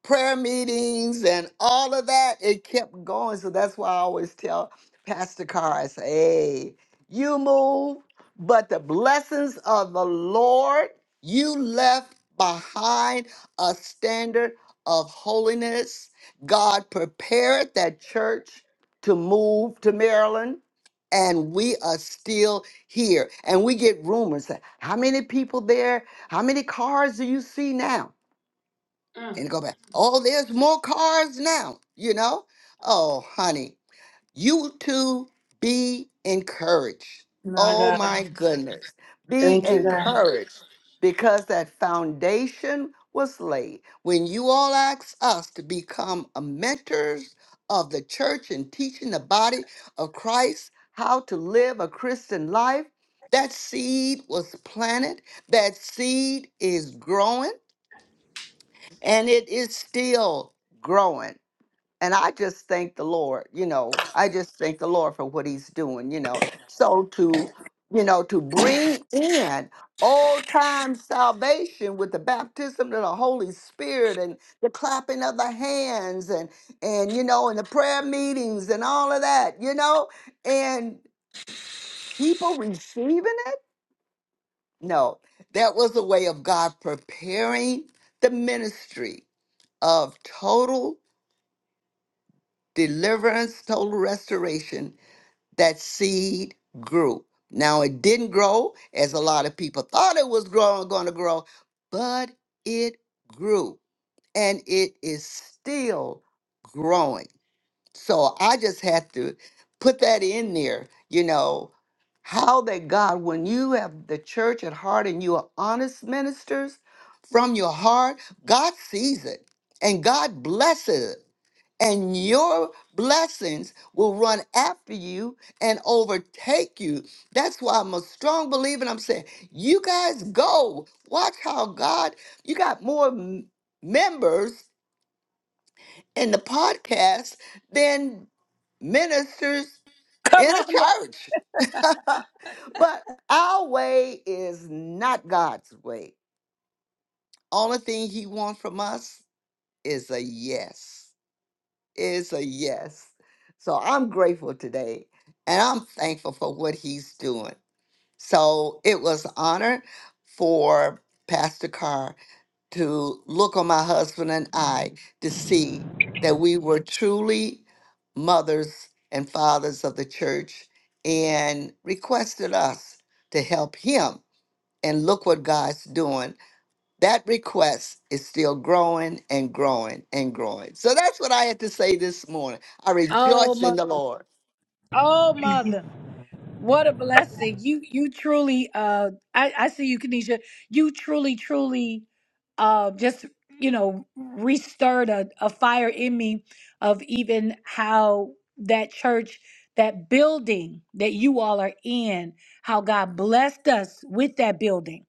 Speaker 4: prayer meetings and all of that, it kept going. So that's why I always tell Pastor Carr, I say, hey, you move, but the blessings of the Lord, you left behind a standard of holiness. God prepared that church to move to Maryland, and we are still here and we get rumors that how many people there how many cars do you see now and go back oh there's more cars now you know oh honey you two be encouraged. Oh my goodness. Be encouraged because that foundation was laid. When you all ask us to become a mentors of the church and teaching the body of Christ how to live a Christian life, that seed was planted. That seed is growing and it is still growing. And I just thank the Lord, you know, I just thank the Lord for what he's doing, you know. So to, you know, to bring in old time salvation with the baptism of the Holy Spirit and the clapping of the hands and and you know and the prayer meetings and all of that, you know, and people receiving it? No. That was a way of God preparing the ministry of total deliverance, total restoration that seed grew. Now it didn't grow as a lot of people thought it was growing going to grow, but it grew and it is still growing. So I just have to put that in there, you know, how that God, when you have the church at heart and you are honest ministers from your heart, God sees it and God blesses it and your blessings will run after you and overtake you. That's why I'm a strong believer. And I'm saying, you guys go. Watch how God, you got more m- members in the podcast than ministers
Speaker 1: Come
Speaker 4: in a
Speaker 1: on. now.
Speaker 4: church. but our way is not God's way. Only thing He wants from us is a yes. It's a yes. So I'm grateful today and I'm thankful for what he's doing. So it was an honor for Pastor Carr to look on my husband and I to see that we were truly mothers and fathers of the church and requested us to help him. And look what God's doing. That request is still growing and growing and growing. So that's what I had to say this morning. I
Speaker 1: Oh,
Speaker 4: rejoice in
Speaker 1: mother.
Speaker 4: the Lord.
Speaker 1: Oh,
Speaker 3: Mhm.
Speaker 1: mother. What a blessing. You you truly uh I, I see you, Kanisha. You truly, truly uh just you know restirred a, a fire in me of even how that church, that building that you all are in, how God blessed us with that building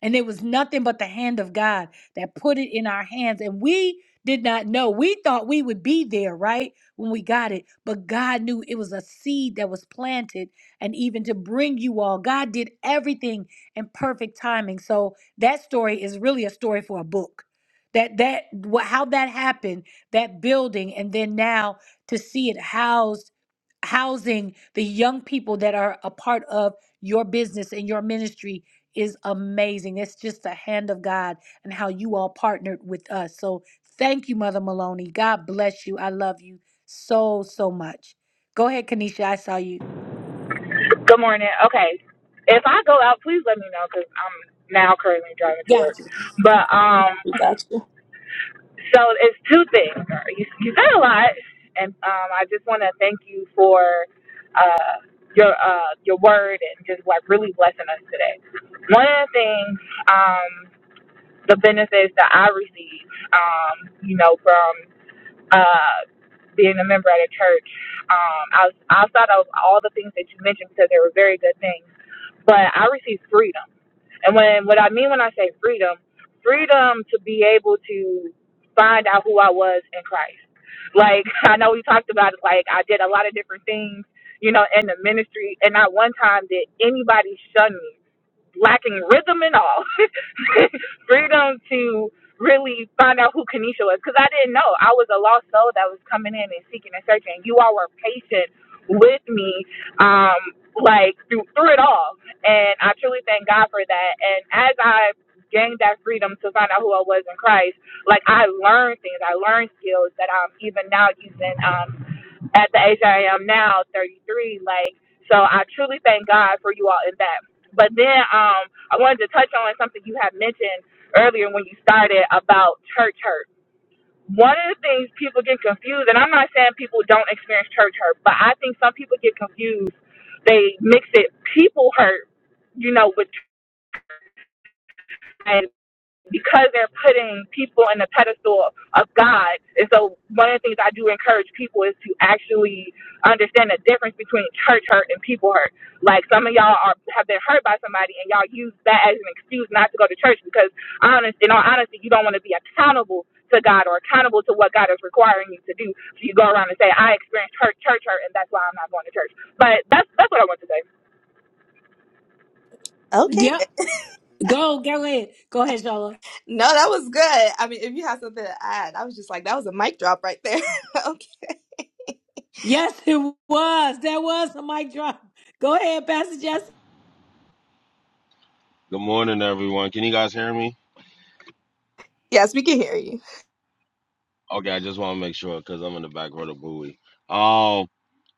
Speaker 1: and it was nothing but the hand of God that put it in our hands. And we did not know. We thought we would be there, right? When we got it. But God knew it was a seed that was planted. And even to bring you all, God did everything in perfect timing. So that story is really a story for a book. That that wha- how that happened, that building, and then now to see it housed housing the young people that are a part of your business and your ministry is amazing. It's just the hand of God and how you all partnered with us. So thank you, Mother Maloney. God bless you. I love you so, so much. Go ahead, Kanisha. I saw you.
Speaker 2: Good morning. Okay. If I go out, please let me know because I'm now currently driving to work.
Speaker 1: Gotcha.
Speaker 2: But um,
Speaker 3: We got you.
Speaker 2: so it's two things. You, you said a lot, and um, I just want to thank you for uh your uh your word and just like really blessing us today. One of the things, um, the benefits that I received, um, you know, from uh, being a member at a church. Um, I was, I thought of all the things that you mentioned because they were very good things. But I received freedom, and when what I mean when I say freedom, freedom to be able to find out who I was in Christ. Like I know we talked about it. Like I did a lot of different things, you know, in the ministry, and not one time did anybody shun me, lacking rhythm and all. freedom to really find out who Kanisha was because I didn't know. I was a lost soul that was coming in and seeking and searching. You all were patient with me, um, like through through it all, and I truly thank God for that. And as I gained that freedom to find out who I was in Christ, like I learned things, I learned skills that I'm even now using. Um, at the age I am now, 33. Like, so I truly thank God for you all in that. But then um, I wanted to touch on something you had mentioned earlier when you started about church hurt. One of the things people get confused, and I'm not saying people don't experience church hurt, but I think some people get confused. They mix it people hurt, you know, with because they're putting people in the pedestal of God. And so one of the things I do encourage people is to actually understand the difference between church hurt and people hurt. Like some of y'all are have been hurt by somebody and y'all use that as an excuse not to go to church because honest in all honesty you don't want to be accountable to God or accountable to what God is requiring you to do. So you go around and say, I experienced church church hurt and that's why I'm not going to church. But that's that's what I want to say.
Speaker 3: Okay.
Speaker 1: Yep. Go, go ahead. Go ahead, Shola.
Speaker 3: No, that was good. I mean, if you have something to add, I was just like, that was a mic drop right there. okay.
Speaker 1: Yes, it was. That was a mic drop. Go ahead, Pastor Jesse.
Speaker 5: Good morning, everyone. Can you guys hear me?
Speaker 3: Yes, we can hear you.
Speaker 5: Okay, I just want to make sure because I'm in the back row of Bowie. Um,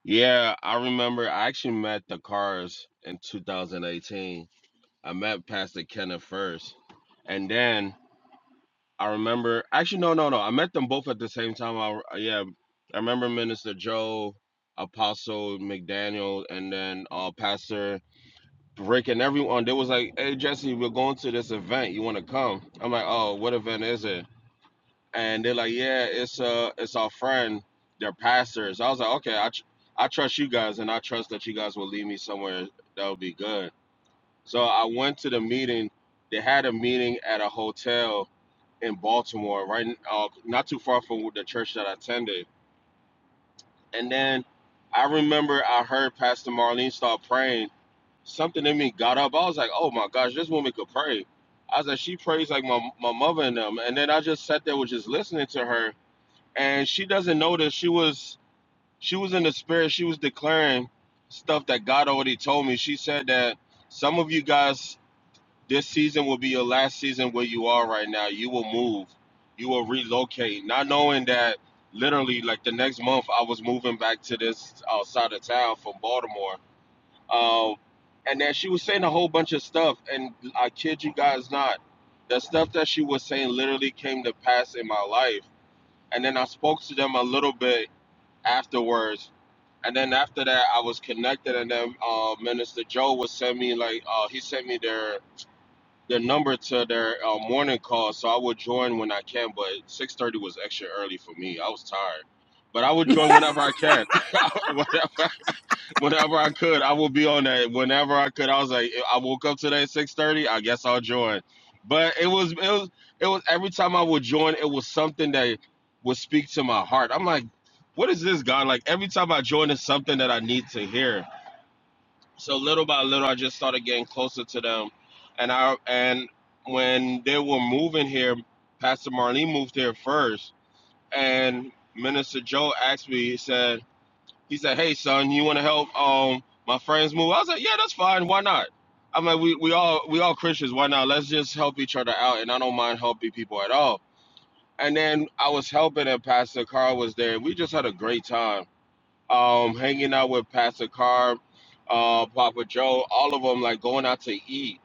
Speaker 5: yeah, I remember I actually met the Cars in 2018. I met Pastor Kenneth first, and then I remember actually no, no, no. I met them both at the same time. I yeah, I remember Minister Joe, Apostle McDaniel, and then uh, Pastor Rick and everyone. They was like, "Hey, Jesse, we're going to this event. You want to come?" I'm like, "Oh, what event is it?" and they're like, "Yeah, it's uh, it's our friend, their pastors." I was like, "Okay, I tr- I trust you guys, and I trust that you guys will lead me somewhere that will be good." So I went to the meeting. They had a meeting at a hotel in Baltimore, right, n- uh, not too far from the church that I attended. And then I remember I heard Pastor Marlene start praying. Something in me got up. I was like, "Oh my gosh, this woman could pray." I was like, "She prays like my my mother and them." And then I just sat there, was just listening to her and she doesn't know that she was she was in the spirit she was declaring stuff that god already told me she said that some of you guys this season will be your last season where you are right now you will move you will relocate not knowing that literally like the next month i was moving back to this outside of town from baltimore um, and then she was saying a whole bunch of stuff and i kid you guys not the stuff that she was saying literally came to pass in my life and then i spoke to them a little bit afterwards. And then after that, I was connected, and then uh, Minister Joe would send me like uh, he sent me their their number to their uh, morning call, so I would join when I can. But six thirty was extra early for me. I was tired, but I would join whenever I can, whenever Whenever I could, I would be on that. Whenever I could, I was like, I woke up today at six thirty. I guess I'll join. But it was, it was, it was. Every time I would join, it was something that would speak to my heart. I'm like, what is this God? Like every time I join, it's something that I need to hear. So little by little, I just started getting closer to them, and I and when they were moving here, Pastor Marlene moved here first, and Minister Joe asked me, he said. He said, "Hey, son, you want to help um my friends move?" I was like, "Yeah, that's fine. Why not?" I am like, we we all we all Christians. Why not? Let's just help each other out, and I don't mind helping people at all. And then I was helping, and Pastor Carr was there. We just had a great time, um, hanging out with Pastor Carr, uh, Papa Joe, all of them, like going out to eat,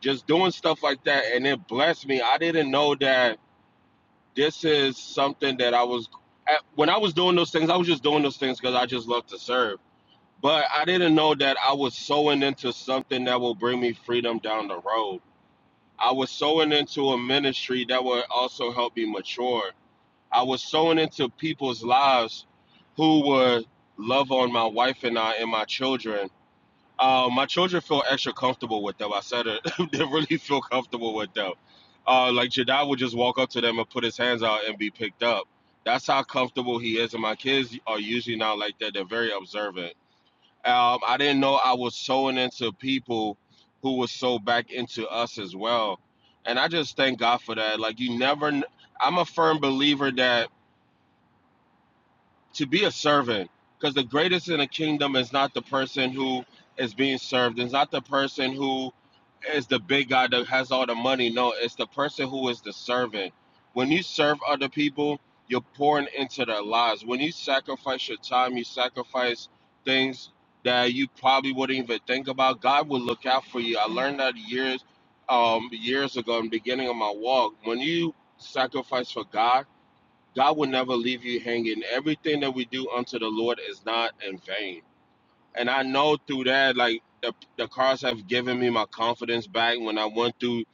Speaker 5: just doing stuff like that, and it blessed me. I didn't know that this is something that I was. At, when I was doing those things, I was just doing those things because I just love to serve but I didn't know that I was sowing into something that will bring me freedom down the road. I was sowing into a ministry that would also help me mature. I was sowing into people's lives who would love on my wife and I and my children. Uh, my children feel extra comfortable with them. I said it. they really feel comfortable with them. Uh, like Jedi would just walk up to them and put his hands out and be picked up. That's how comfortable he is. And my kids are usually not like that. They're very observant um, I didn't know I was sowing into people who were so back into us as well. And I just thank God for that. Like you never kn- I'm a firm believer that to be a servant because the greatest in the kingdom is not the person who is being served it's not the person who is the big guy that has all the money no it's the person who is the servant when you serve other people you're pouring into their lives when you sacrifice your time you sacrifice things that you probably wouldn't even think about god will look out for you i learned that years um years ago in the beginning of my walk when you sacrifice for god God will never leave you hanging. Everything that we do unto the Lord is not in vain. And I know through that, like the, the cars have given me my confidence back when I went through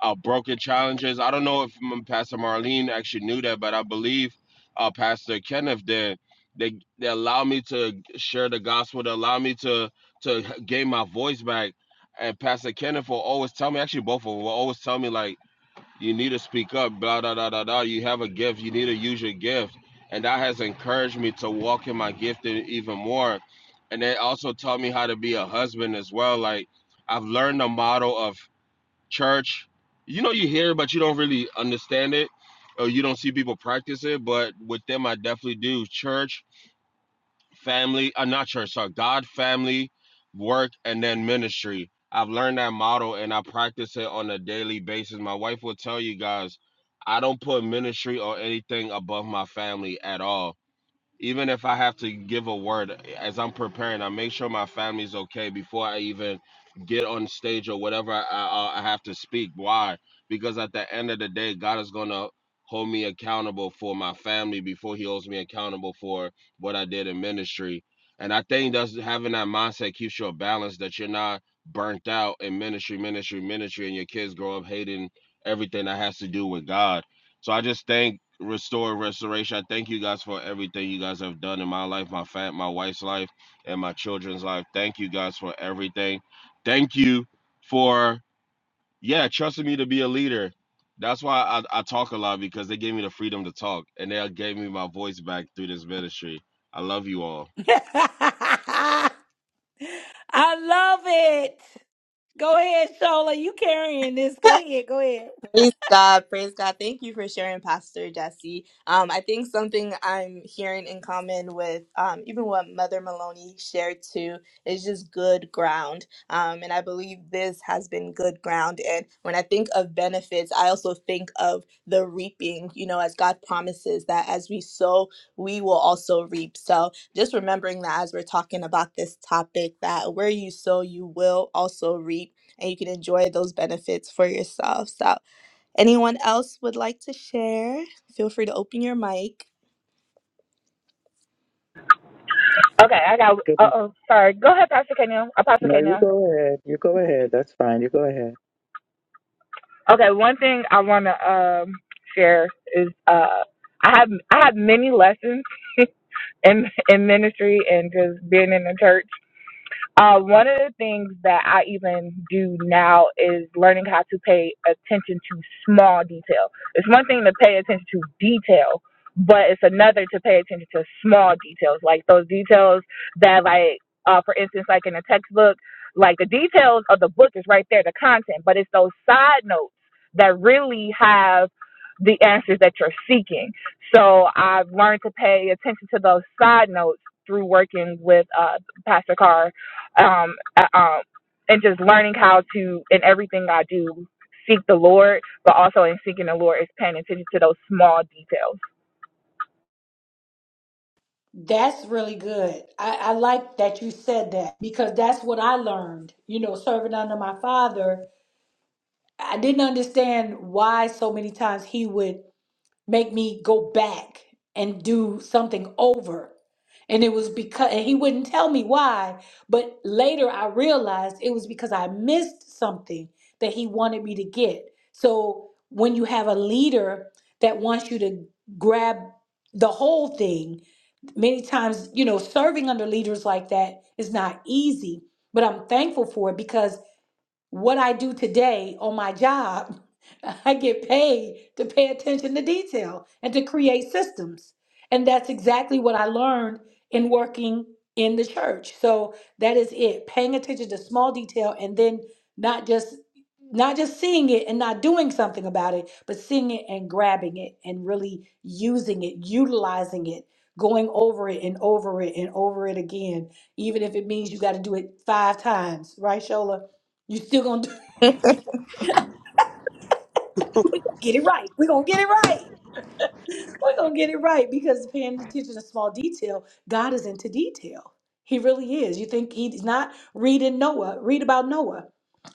Speaker 5: uh, broken challenges. I don't know if m- Pastor Marlene actually knew that, but I believe uh, Pastor Kenneth did. They they allowed me to share the gospel. They allowed me to to gain my voice back. And Pastor Kenneth will always tell me, actually both of them will always tell me like you need to speak up, blah, da, da, da, da. You have a gift. You need to use your gift. And that has encouraged me to walk in my gift e- even more. And it also taught me how to be a husband as well. Like, I've learned the model of church. You know, you hear it, but you don't really understand it, or you don't see people practice it. But with them, I definitely do. Church family, I'm not church, sorry, God, family, work, and then ministry. I've learned that model and I practice it on a daily basis. My wife will tell you guys, I don't put ministry or anything above my family at all even if I have to give a word as I'm preparing, I make sure my family's okay before I even get on stage or whatever I, I, I have to speak. Why? Because at the end of the day, God is gonna hold me accountable for my family before He holds me accountable for what I did in ministry. And I think that's having that mindset keeps you a balance that you're not burnt out in ministry, ministry, ministry, and your kids grow up hating everything that has to do with God so I just thank Restore Restoration. I thank you guys for everything you guys have done in my life, my fat, my wife's life, and my children's life. Thank you guys for everything. Thank you for yeah, trusting me to be a leader. That's why I, I talk a lot because they gave me the freedom to talk and they gave me my voice back through this ministry. I love you all.
Speaker 1: I love it. Go ahead, Shola. You carrying this. Go ahead. Go ahead.
Speaker 3: Praise God, praise God. Thank you for sharing, Pastor Jesse. Um, I think something I'm hearing in common with um, even what Mother Maloney shared too is just good ground. Um, and I believe this has been good ground. And when I think of benefits, I also think of the reaping, you know, as God promises that as we sow, we will also reap. So just remembering that as we're talking about this topic, that where you sow, you will also reap, and you can enjoy those benefits for yourself. So Anyone else would like to share? Feel free to open your mic.
Speaker 2: Okay, I got uh
Speaker 6: Good.
Speaker 2: oh sorry. Go ahead, Pastor K now. Apostle
Speaker 6: No,
Speaker 2: K
Speaker 6: you
Speaker 2: Neal.
Speaker 6: go ahead. You go ahead. That's fine. You go ahead.
Speaker 2: Okay, one thing I want to um, share is uh, I have I have many lessons in in ministry and just being in the church. Uh, one of the things that I even do now is learning how to pay attention to small detail. It's one thing to pay attention to detail, but it's another to pay attention to small details, like those details that, like, uh, for instance, like in a textbook, like the details of the book is right there, the content, but it's those side notes that really have the answers that you're seeking. So I've learned to pay attention to those side notes through working with uh, Pastor Carr um, uh, um, and just learning how to in everything I do seek the Lord, but also in seeking the Lord is paying attention to those small details.
Speaker 1: That's really good. I, I like that you said that because that's what I learned, you know, serving under my father. I didn't understand why so many times he would make me go back and do something over. And it was because and he wouldn't tell me why, but later I realized it was because I missed something that he wanted me to get. So when you have a leader that wants you to grab the whole thing, many times, you know, serving under leaders like that is not easy, but I'm thankful for it because what I do today on my job, I get paid to pay attention to detail and to create systems. And that's exactly what I learned in working in the church. So that is it, paying attention to small detail and then not just not just seeing it and not doing something about it, but seeing it and grabbing it and really using it, utilizing it, going over it and over it and over it again, even if it means you got to do it 5 times, right Shola? You still gonna do it. We're gonna get it right. We're gonna get it right. We're gonna get it right because paying attention to small detail, God is into detail. He really is. You think he's not reading Noah, read about Noah.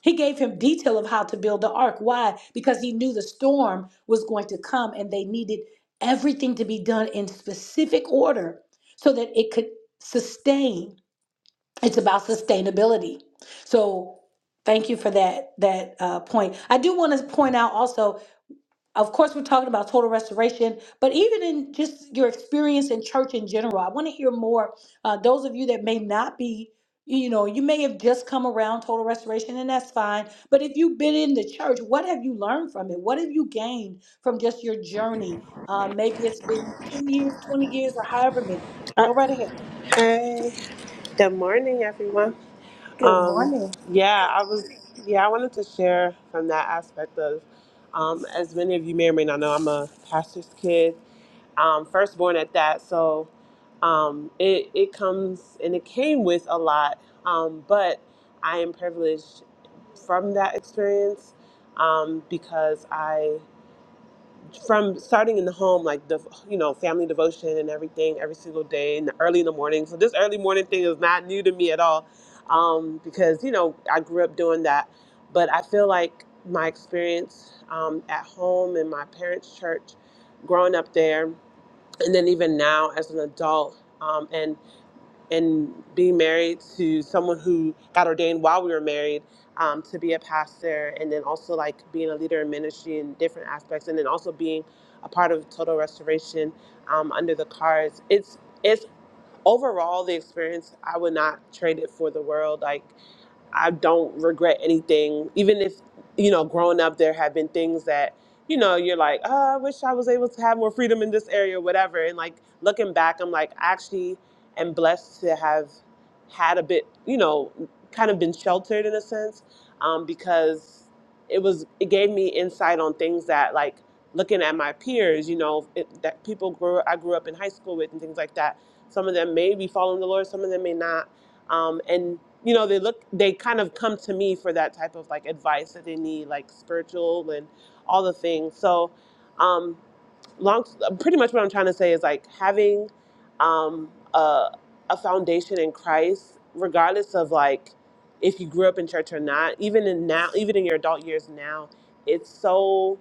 Speaker 1: He gave him detail of how to build the ark. Why? Because he knew the storm was going to come and they needed everything to be done in specific order so that it could sustain. It's about sustainability. So thank you for that that uh, point. I do want to point out also Of course, we're talking about total restoration, but even in just your experience in church in general, I want to hear more. Uh, those of you that may not be, you know, you may have just come around total restoration, and that's fine. But if you've been in the church, what have you learned from it? What have you gained from just your journey? Uh, maybe it's been 10 years, 20 years, or however many. Go right ahead.
Speaker 7: Okay. Good morning, everyone.
Speaker 1: Good
Speaker 7: Um,
Speaker 1: morning.
Speaker 7: yeah, I was. Yeah, I wanted to share from that aspect of, um, as many of you may or may not know, I'm a pastor's kid, um, firstborn at that. So, um, it it comes and it came with a lot, um, but I am privileged from that experience um, because I from starting in the home, like the you know family devotion and everything, every single day in the early in the morning. So this early morning thing is not new to me at all, um, because you know I grew up doing that. But I feel like my experience um, at home in my parents' church, growing up there, and then even now as an adult. Um, and and being married to someone who got ordained while we were married um, to be a pastor and then also like being a leader in ministry in different aspects and then also being a part of total restoration um, under the cards it's it's overall the experience i would not trade it for the world like I don't regret anything. Even if, you know, growing up, there have been things that, you know, you're like, oh, I wish I was able to have more freedom in this area, or whatever. And like looking back, I'm like, I actually am blessed to have had a bit, you know, kind of been sheltered in a sense um, because it was, it gave me insight on things that like, looking at my peers you know it, that people grew i grew up in high school with and things like that some of them may be following the lord some of them may not um, and you know they look they kind of come to me for that type of like advice that they need like spiritual and all the things so um, long pretty much what i'm trying to say is like having um, a, a foundation in christ regardless of like if you grew up in church or not even in now even in your adult years now it's so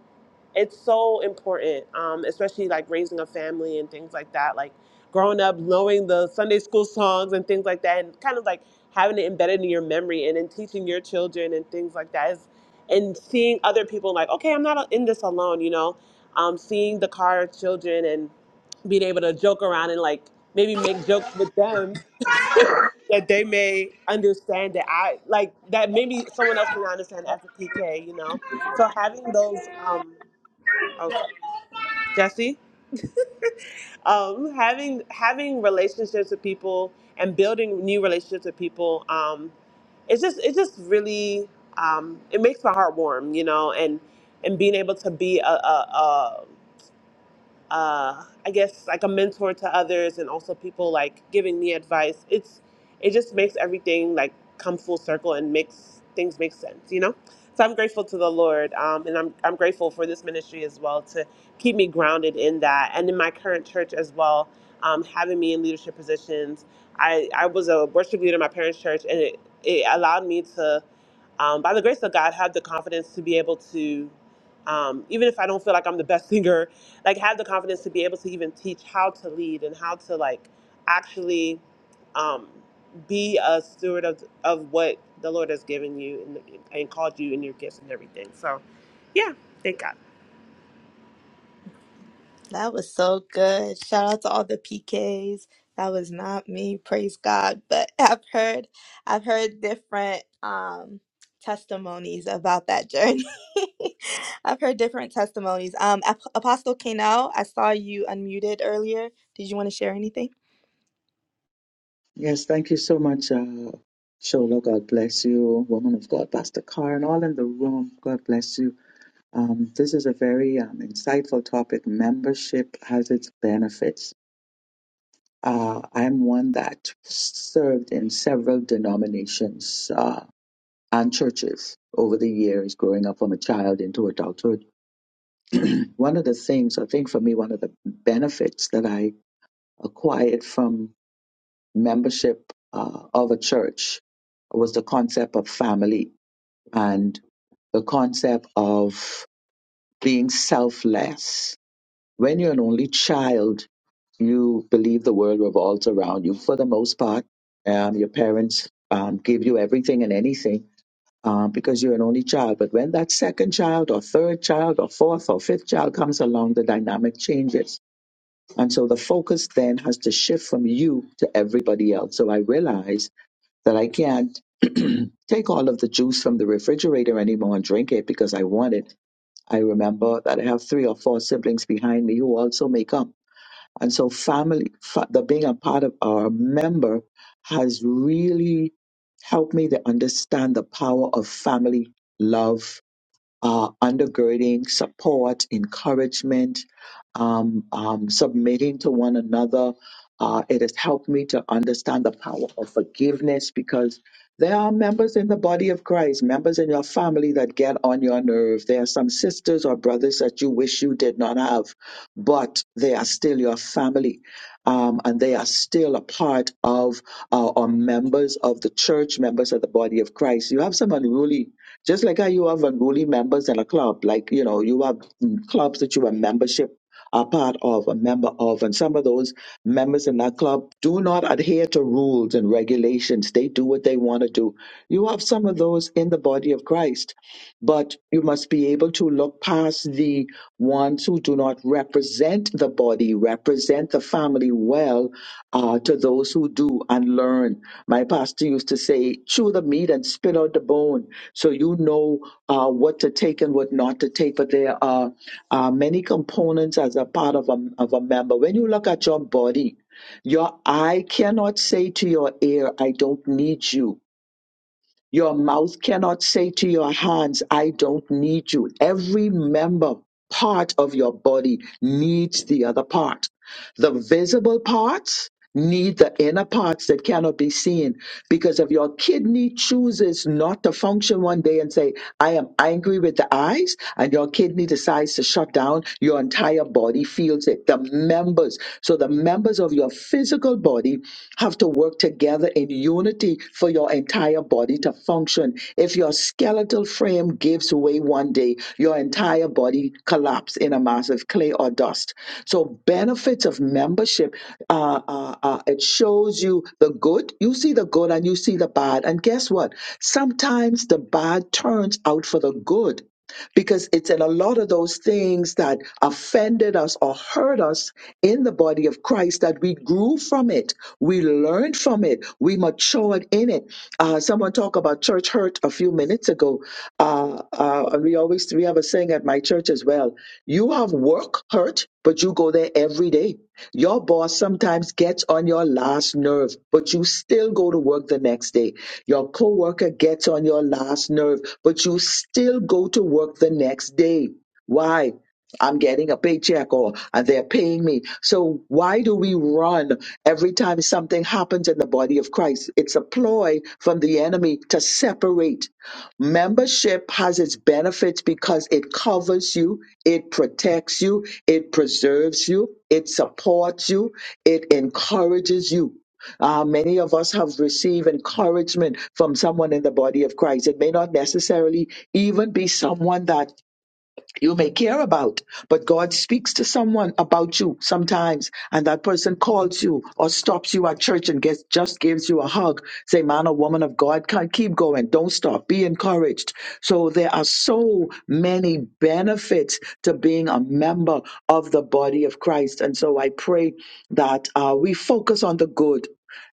Speaker 7: it's so important um, especially like raising a family and things like that like growing up knowing the sunday school songs and things like that and kind of like having it embedded in your memory and then teaching your children and things like that is and seeing other people like okay i'm not in this alone you know um, seeing the car children and being able to joke around and like maybe make jokes with them that they may understand that I like that maybe someone else may not understand as a PK, you know. So having those, um, oh Jesse, um, having having relationships with people and building new relationships with people, um, it's just it's just really um, it makes my heart warm, you know, and and being able to be a, a, uh, I guess like a mentor to others and also people like giving me advice. It's it just makes everything like come full circle and makes things make sense, you know. So I'm grateful to the Lord, um, and I'm I'm grateful for this ministry as well to keep me grounded in that and in my current church as well, um, having me in leadership positions. I I was a worship leader in my parents' church, and it it allowed me to um, by the grace of God, have the confidence to be able to, um, even if I don't feel like I'm the best singer like have the confidence to be able to even teach how to lead and how to like actually um, be a steward of of what the Lord has given you and, and called you and your gifts and everything. So, yeah, thank God.
Speaker 3: That was so good. Shout out to all the PKs. That was not me, praise God. But I've heard I've heard different um testimonies about that journey. I've heard different testimonies. Um Ap- Apostle Kanel, I saw you unmuted earlier. Did you want to share anything?
Speaker 6: Yes, thank you so much, uh, Shola. God bless you, woman of God, Pastor Carr, and all in the room. God bless you. Um, this is a very um, insightful topic. Membership has its benefits. Uh, I'm one that served in several denominations uh, and churches over the years, growing up from a child into adulthood. One of the things, I think for me, one of the benefits that I acquired from membership uh, of a church was the concept of family and the concept of being selfless. When you're an only child, you believe the world revolves around you for the most part. Um, your parents um, give you everything and anything um, because you're an only child. But when that second child, or third child, or fourth, or fifth child comes along, the dynamic changes. And so the focus then has to shift from you to everybody else. So I realized that I can't take all of the juice from the refrigerator anymore and drink it because I want it. I remember that I have three or four siblings behind me who also make up. And so, family, fa- the being a part of our member has really helped me to understand the power of family love uh, undergirding, support, encouragement, um, um, submitting to one another. Uh, it has helped me to understand the power of forgiveness because there are members in the body of Christ, members in your family that get on your nerve. There are some sisters or brothers that you wish you did not have, but they are still your family. Um, and they are still a part of uh, or members of the church, members of the body of Christ. You have some unruly just like how you have unruly members in a club like you know you have mm, clubs that you have membership are part of a member of and some of those members in that club do not adhere to rules and regulations they do what they want to do you have some of those in the body of christ but you must be able to look past the ones who do not represent the body, represent the family well uh, to those who do and learn. My pastor used to say, chew the meat and spit out the bone so you know uh, what to take and what not to take. But there are uh, many components as a part of a, of a member. When you look at your body, your eye cannot say to your ear, I don't need you your mouth cannot say to your hands, I don't need you. Every member part of your body needs the other part. The visible parts need the inner parts that cannot be seen because if your kidney chooses not to function one day and say i am angry with the eyes and your kidney decides to shut down your entire body feels it the members so the members of your physical body have to work together in unity for your entire body to function. If your skeletal frame gives way one day, your entire body collapses in a mass of clay or dust. So benefits of membership, uh, uh, uh, it shows you the good. You see the good and you see the bad. And guess what? Sometimes the bad turns out for the good because it's in a lot of those things that offended us or hurt us in the body of Christ that we grew from it, we learned from it, we matured in it. Uh, someone talked about church hurt a few minutes ago. Uh, uh, and we always we have a saying at my church as well: "You have work hurt, but you go there every day." Your boss sometimes gets on your last nerve, but you still go to work the next day. Your coworker gets on your last nerve, but you still go to work the next day. Why? I'm getting a paycheck or they're paying me. So why do we run every time something happens in the body of Christ? It's a ploy from the enemy to separate Membership has its benefits because it covers you, it protects you, it preserves you, it supports you, it encourages you. Uh, many of us have received encouragement from someone in the body of Christ. It may not necessarily even be someone that you may care about, but God speaks to someone about you sometimes, and that person calls you or stops you at church and gets just gives you a hug. Say, man or woman of God, can keep going. Don't stop. Be encouraged. So there are so many benefits to being a member of the body of Christ, and so I pray that uh, we focus on the good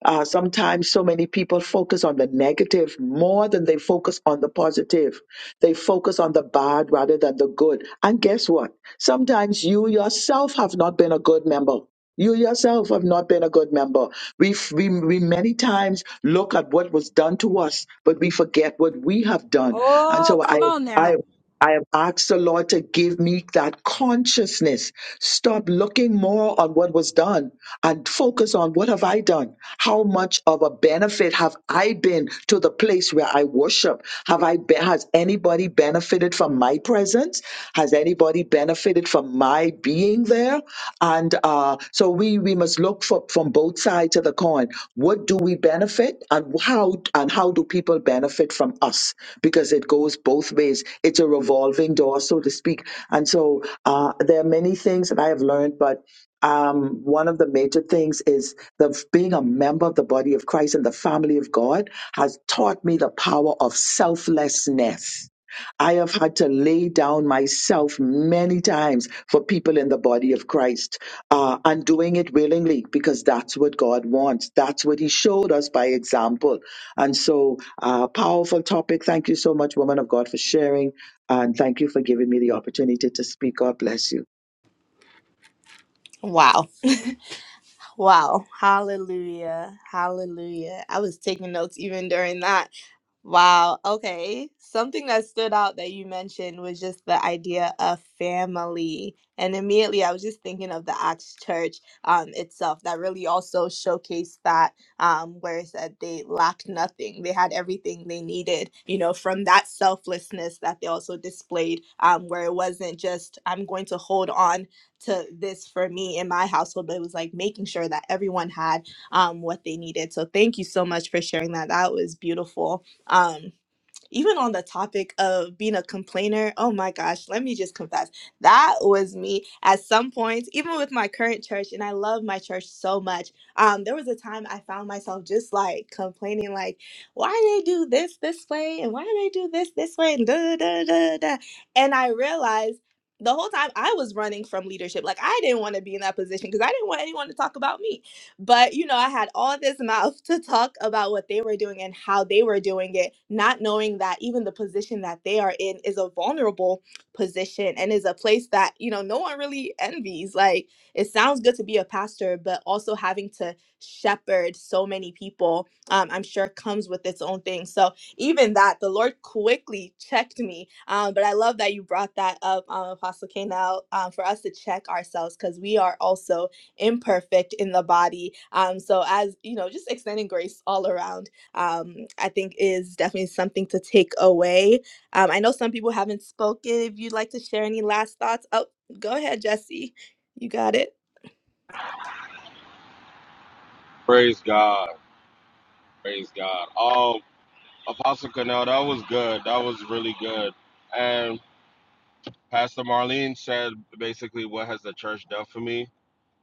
Speaker 6: uh, sometimes so many people focus on the negative more than they focus on the positive. They focus on the bad rather than the good. And guess what? Sometimes you yourself have not been a good member. You yourself have not been a good member. We, we, we many times look at what was done to us, but we forget what we have done. And
Speaker 1: Oh,
Speaker 6: so I,
Speaker 1: come on
Speaker 6: I
Speaker 1: now.
Speaker 6: I have asked the Lord to give me that consciousness. Stop looking more on what was done and focus on what have I done? How much of a benefit have I been to the place where I worship? Have I been, has anybody benefited from my presence? Has anybody benefited from my being there? And uh, so we we must look for for from both sides of the coin. What do we benefit and how and how do people benefit from us? Because it goes both ways. It's a revolving door, so to speak. And so uh, there are many things that I have learned, but um, one of the major things is that being a member of the body of Christ and the family of God has taught me the power of selflessness. I have had to lay down myself many times for people in the body of Christ uh, and doing it willingly because that's what God wants. That's what He showed us by example. And so, uh, powerful topic. Thank you so much, woman of God, for sharing. And thank you for giving me the opportunity to speak. God bless you.
Speaker 3: Wow. Wow. Hallelujah. Hallelujah. I was taking notes even during that. Wow. Okay. Something that stood out that you mentioned was just the idea of family. And immediately I was just thinking of the Acts Church um, itself that really also showcased that, um, where it said they lacked nothing. They had everything they needed, you know, from that selflessness that they also displayed, um, where it wasn't just, I'm going to hold on to this for me in my household, but it was like making sure that everyone had um, what they needed. So thank you so much for sharing that. That was beautiful um even on the topic of being a complainer oh my gosh let me just confess that was me at some points even with my current church and i love my church so much um there was a time i found myself just like complaining like why do they do this this way and why do they do this this way and da da da da and i realized the whole time I was running from leadership, like I didn't want to be in that position because I didn't want anyone to talk about me. But, you know, I had all this mouth to talk about what they were doing and how they were doing it, not knowing that even the position that they are in is a vulnerable position and is a place that, you know, no one really envies. Like, it sounds good to be a pastor, but also having to shepherd so many people, um, I'm sure comes with its own thing. So, even that, the Lord quickly checked me. Um, but I love that you brought that up, um, Apostle K. Now, um, for us to check ourselves because we are also imperfect in the body. Um, so as you know, just extending grace all around, um, I think is definitely something to take away. Um, I know some people haven't spoken. If you'd like to share any last thoughts, oh, go ahead, Jesse. You got it.
Speaker 5: Praise God. Praise God. Oh, Apostle Canal, that was good. That was really good. And Pastor Marlene said basically, What has the church done for me?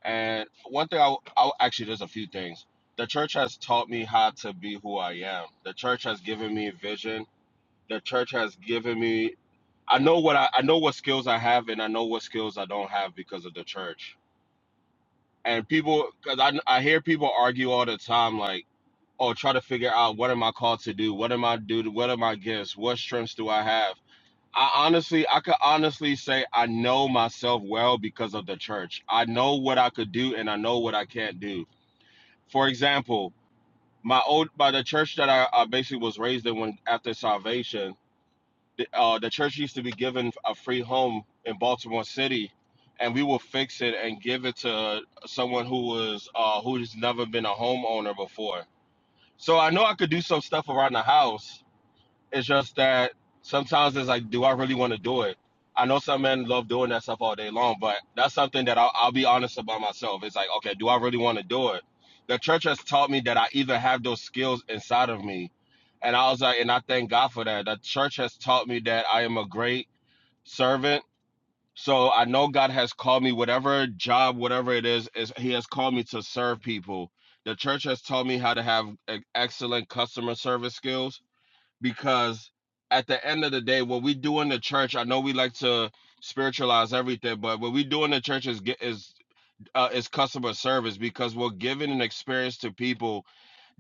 Speaker 5: And one thing, I, I actually, there's a few things. The church has taught me how to be who I am. The church has given me vision. The church has given me. I know what I, I know what skills I have, and I know what skills I don't have because of the church. And people, because I, I hear people argue all the time, like, oh, try to figure out what am I called to do? What am I do? What are my gifts? What strengths do I have? I honestly, I could honestly say I know myself well because of the church. I know what I could do, and I know what I can't do for example, my old by the church that I, I basically was raised in when after salvation, the, uh, the church used to be given a free home in Baltimore City, and we will fix it and give it to someone who was uh, who's never been a homeowner before. So I know I could do some stuff around the house, it's just that sometimes it's like, do I really want to do it? I know some men love doing that stuff all day long, but that's something that I'll, I'll be honest about myself. It's like, okay, do I really want to do it? The church has taught me that I even have those skills inside of me. And I was like, and I thank God for that. The church has taught me that I am a great servant. So I know God has called me, whatever job, whatever it is, is He has called me to serve people. The church has taught me how to have e- excellent customer service skills because at the end of the day, what we do in the church, I know we like to spiritualize everything, but what we do in the church is is uh, is customer service because we're giving an experience to people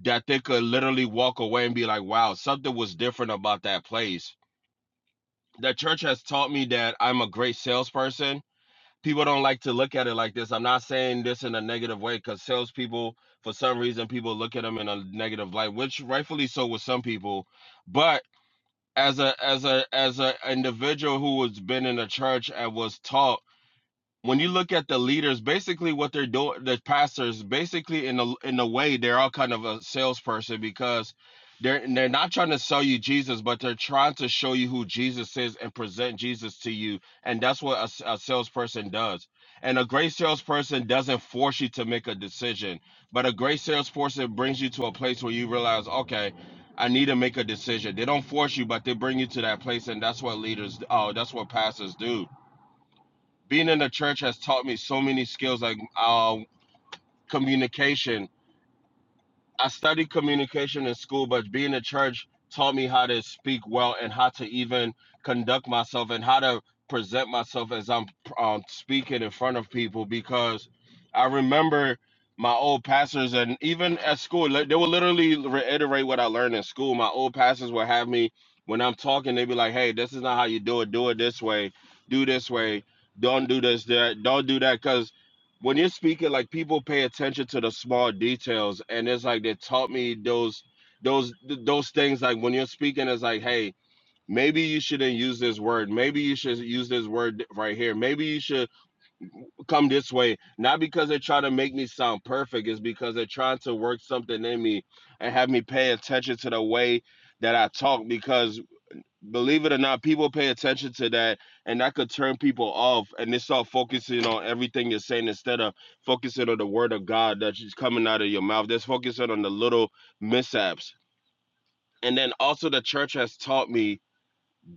Speaker 5: that they could literally walk away and be like, "Wow, something was different about that place." The church has taught me that I'm a great salesperson. People don't like to look at it like this. I'm not saying this in a negative way because salespeople, for some reason, people look at them in a negative light, which rightfully so with some people. But as a as a as a individual who has been in the church and was taught when you look at the leaders, basically what they're doing, the pastors, basically in a in a way, they're all kind of a salesperson because they're they're not trying to sell you Jesus, but they're trying to show you who Jesus is and present Jesus to you, and that's what a, s- a salesperson does. And a great salesperson doesn't force you to make a decision, but a great salesperson brings you to a place where you realize, okay. I need to make a decision. They don't force you, but they bring you to that place, and that's what leaders. Oh, that's what pastors do being in the church has taught me so many skills like uh, communication I studied communication in school, but being in church taught me how to speak well and how to even conduct myself and how to present myself as I'm um, speaking in front of people because I remember my old pastors and even at school li- they would literally reiterate what I learned in school. My old pastors would have me when I'm talking, they'd be like, "Hey, this is not how you do it. Do it this way. Do this way. Don't do this. That. Don't do that." Because when you're speaking, like people pay attention to the small details, and it's like they taught me those those those things. Like when you're speaking, it's like, hey, maybe you shouldn't use this word. Maybe you should use this word right here. Maybe you should come this way. Not because they're trying to make me sound perfect, it's because they're trying to work something in me and have me pay attention to the way that I talk. Because believe it or not, people pay attention to that, and that could turn people off. And they start focusing on everything you're saying instead of focusing on the word of God that's just coming out of your mouth. That's focusing on the little mishaps. And then also, the church has taught me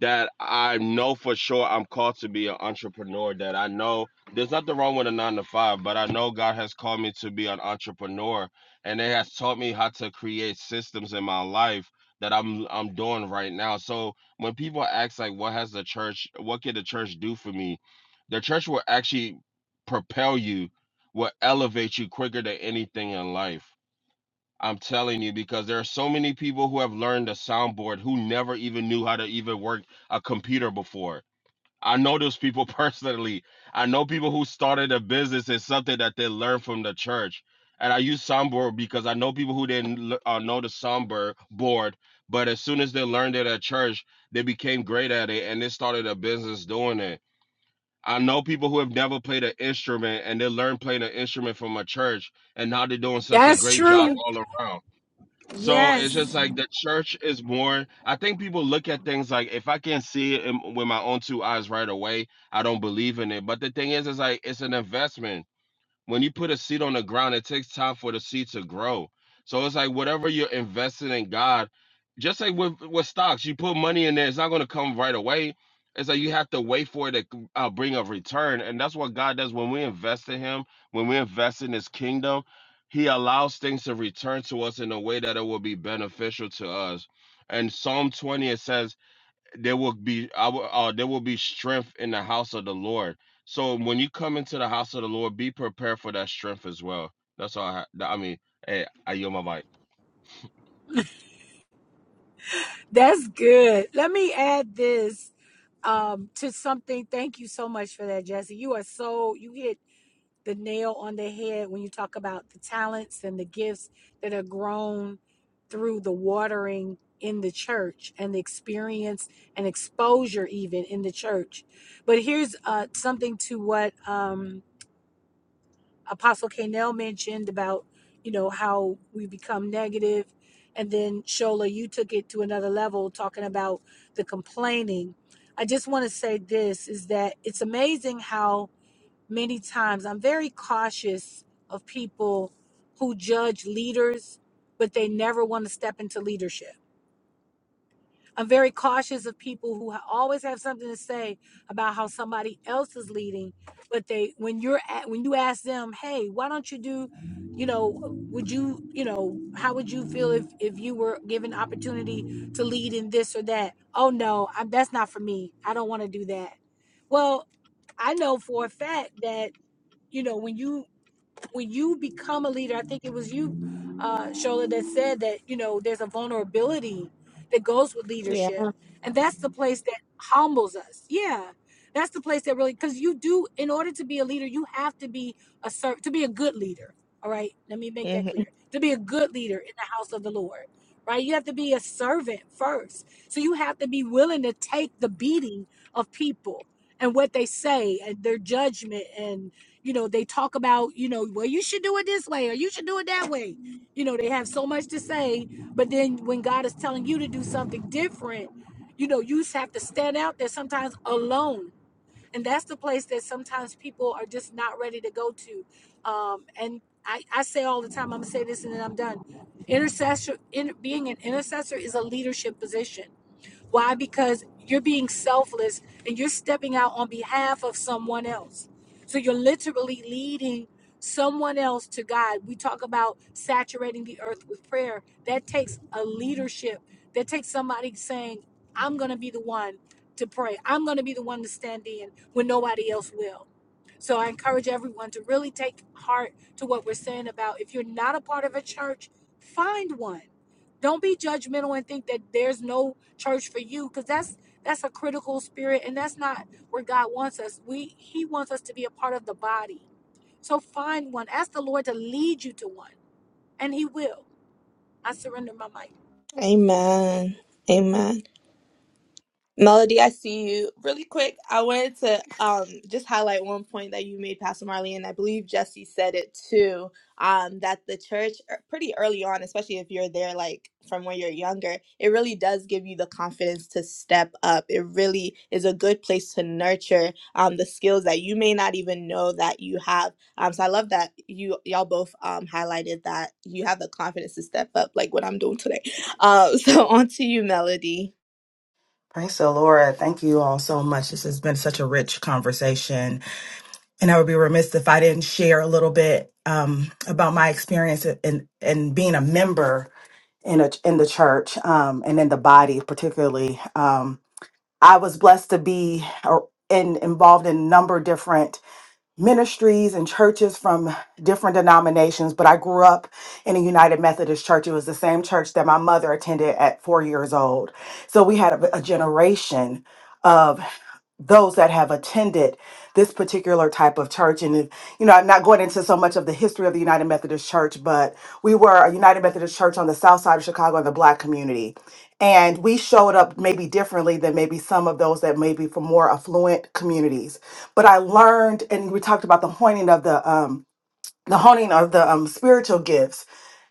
Speaker 5: that I know for sure I'm called to be an entrepreneur. That I know there's nothing wrong with a nine to five, but I know God has called me to be an entrepreneur, and it has taught me how to create systems in my life that I'm I'm doing right now. So when people ask like, "What has the church? What can the church do for me?" The church will actually propel you, will elevate you quicker than anything in life. I'm telling you, because there are so many people who have learned a soundboard who never even knew how to even work a computer before. I know those people personally. I know people who started a business is something that they learned from the church. And I use soundboard because I know people who didn't l- uh, know the soundboard board, but as soon as they learned it at church, they became great at it and they started a business doing it. I know people who have never played an instrument and they learned playing an instrument from a church, and now they're doing such a great job all around. So it's just like the church is more. I think people look at things like if I can't see it in, with my own two eyes right away, I don't believe in it. But the thing is, is like it's an investment when you put a seed on the ground, it takes time for the seed to grow. So it's like whatever you're investing in God, just like with, with stocks, you put money in there, it's not going to come right away. It's like you have to wait for it to uh, bring a return. And that's what God does when we invest in Him, when we invest in His kingdom, He allows things to return to us in a way that it will be beneficial to us. And Psalm 20, it says, there will be I will, uh, there will be strength in the house of the Lord. So when you come into the house of the Lord, be prepared for that strength as well. That's all. I, ha- I mean, hey, I yield my mic.
Speaker 1: cautious of people who ha- always have something to say about how somebody else is leading but they when you're at when you ask them hey why don't you do you know would you you know how would you feel if if you were given opportunity to lead in this or that oh no i that's not for me i don't want to do that well i know for a fact that you know when you when you become a leader i think it was you uh shola that said, you there's a vulnerability that goes with
Speaker 3: Yeah.
Speaker 1: leadership. And that's the place that humbles us. Yeah. That's the place that really cuz you do in order to be a leader, you have to be a serv- to be a good leader. All right? Let me make that
Speaker 3: hmm
Speaker 1: clear. To be a good leader in the house of the Lord. Right? You have to be a servant first. So you have to be willing to take the beating of people and what they say and their judgment and you know they talk about you know well you should do it this way or you should do it that way you know they have so much to say but then when god is telling telling you to do something stands alone leading someone else to god we talk about saturating the earth with that takes a leadership i'm the one I'm the we he wants us to be a part of the body so find one ask the lord to lead you to one and he will i surrender my mic
Speaker 3: Amen. Amen. Melody, I see you. Really quick, I wanted to um, just highlight one point that you made, Pastor Marley, and I believe Jesse said it too. Um, that the church, er, pretty early on, especially if you're there like from when you're younger, it really does give you the confidence to step up. It really is a good place to nurture um, the skills that you may not even know that you have. Um, so I love that you y'all both um, highlighted that you have the confidence to step up, like what I'm doing today. Um, so on to you, Melody.
Speaker 8: Praise the Lord. Thank you all so much. This has been such a rich conversation. And I would be remiss if I didn't share a little bit um, about my experience in, in being a member in, a, in the church um, and in the body, particularly. Um, I was blessed to be uh, in, involved in a number of different ministries and churches from different denominations, but I grew up in a United Methodist church. It was the same church that my mother attended at four years old. So we had a, a generation of those that have attended this particular type of church. And, if- you know, I'm not going into so much of the history of the United Methodist Church, but we were a United Methodist Church on the south side of Chicago in the black community. And we showed up maybe differently than maybe some of those that may be from more affluent communities. But I learned, and we talked about the honing of the, um, the honing of the um, spiritual gifts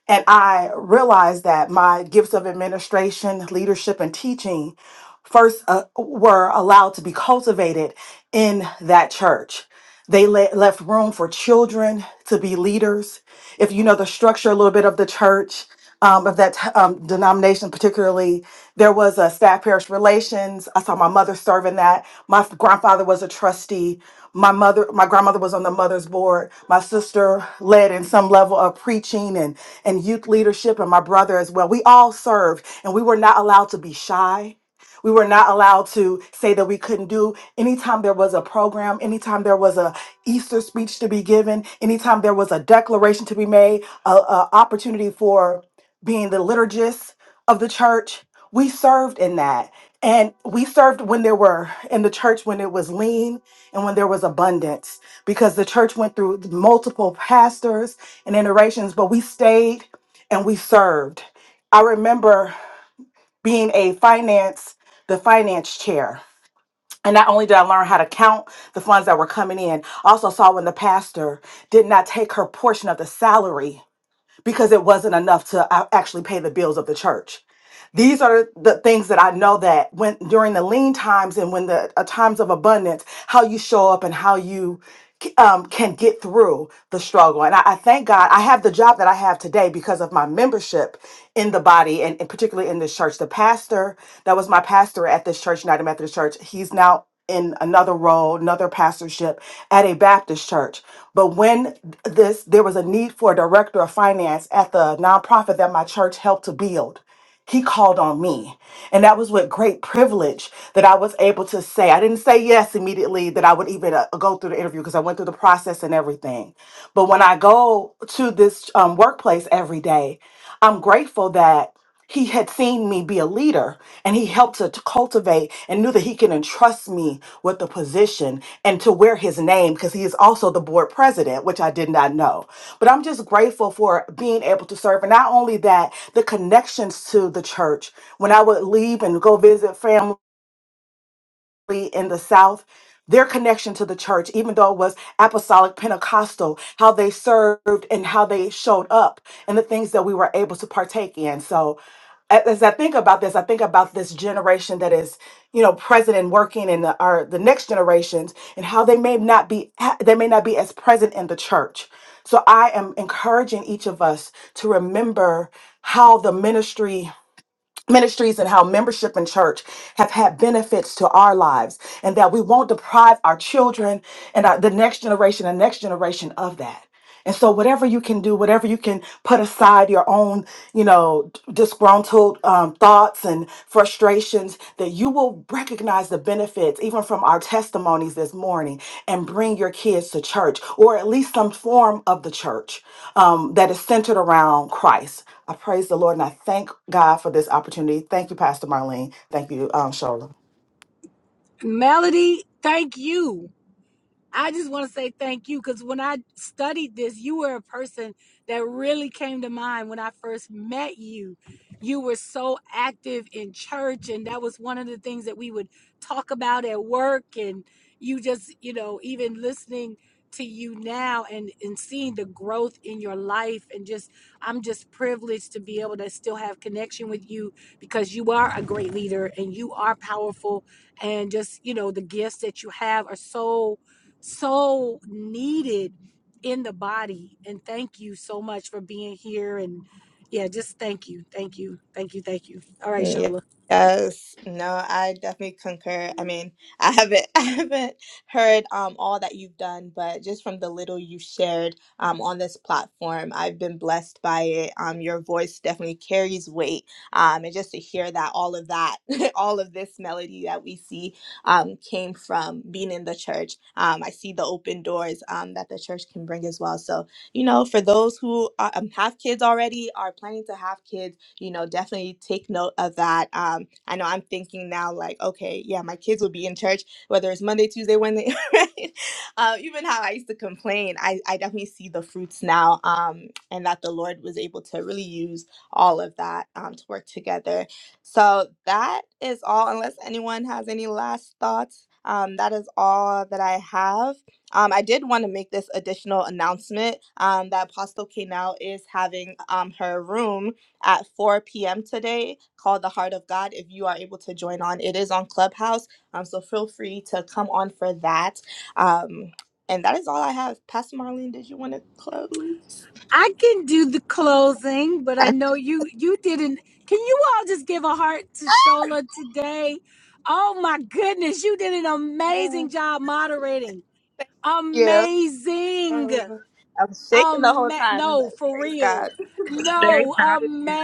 Speaker 8: and I realized that my gifts of administration, leadership, and teaching first uh, were allowed to be cultivated in that church. They le- left room for children to be leaders. If you know the structure a little bit of the church, um, of that um, denomination, particularly, there was a staff parish relations. I saw my mother serve in that. My f- grandfather was a trustee. My mother, my grandmother was on the mother's board. My sister led in some level of preaching and, and youth leadership, and my brother as well. We all served, and we were not allowed to be shy. We were not allowed to say that we couldn't do. Anytime there was a program, anytime there was a Easter speech to be given, anytime there was a declaration to be made, a, a opportunity for being the liturgist of the church, we served in that. And we served when there were in the church when it was lean and when there was abundance, because the church went through multiple pastors and iterations, but we stayed and we served. I remember being a finance, the finance chair and not only did I learn how to count the funds that were coming in, I also saw when the pastor did not take her portion of the salary because it wasn't enough to uh, actually pay the bills of the church. These are the things that I know that when during the lean times and when the uh, times of abundance, how you show up and how you um, can get through the struggle. And I, I thank God I have the job that I have today because of my membership in the body and, and particularly in this church. The pastor that was my pastor at this church, United Methodist Church. He's now in another role, another pastorship at a Baptist church. But when this, there was a need for a director of finance at the nonprofit that my church helped to build. He called on me. And that was with great privilege that I was able to say, I didn't say yes immediately that I would even uh, go through the interview because I went through the process and everything. But when I go to this um, workplace every day, I'm grateful that he had seen me be a leader and he helped to, to cultivate and knew that he can entrust me with the position and to wear his name because he is also the board president, which I did not know. But I'm just grateful for being able to serve. And not only that, the connections to the church. When I would leave and go visit family in the South, their connection to the church, even though it was apostolic Pentecostal, how they served and how they showed up and the things that we were able to partake in. So a- as I think about this, I think about this generation that is, you know, present and working in the, our the next generations and how they may not be they may not be as present in the church. So I am encouraging each of us to remember how the ministry ministries and how membership in church have had benefits to our lives and that we won't deprive our children and our, the next generation and next generation of that and so whatever you can do whatever you can put aside your own you know disgruntled um, thoughts and frustrations demonstrations that you will recognize the benefits, even from our testimonies this morning, and bring your kids to church or at least some form of the church um, that is centered around Christ. I praise the Lord and I thank God for this opportunity. Thank you, Pastor Marlene. Thank you, um, Shola.
Speaker 1: powerful and just you know the gifts that you have are so so needed in the body. And thank you so much for being here and
Speaker 3: Ye- Yes, no, I definitely concur. I mean, I haven't I haven't heard um all that you've done, but just from the little you shared um on this platform, I've been blessed by it. Um your voice definitely carries weight. Um and just to hear that all of that all of this melody that we see um came from being in the church. Um I see the open doors um that the church can bring as well. So, you know, for those who are, um, have kids already, are planning to have kids, you know, definitely take note of that. Um, I know I'm thinking now, like, okay, yeah, my kids will be in church, whether it's Monday, Tuesday, Wednesday, right? Uh, even how I used to complain, I, I definitely see the fruits now, um, and that the Lord was able to really use all of that um, to work together. So that is all, unless anyone has any last thoughts. Um, that is all that I have. Um, I did want to make this additional announcement um, that Apostle K now is having um, her room at 4 p.m. today called The Heart of God. If you are able to join on, it is on Clubhouse. Um, so feel free to come on for that. Um, and that is all I have. Pastor Marlene, did you want to close? yeah. Oh, I'm shaking the whole time, but praise God.
Speaker 7: Very proud of you.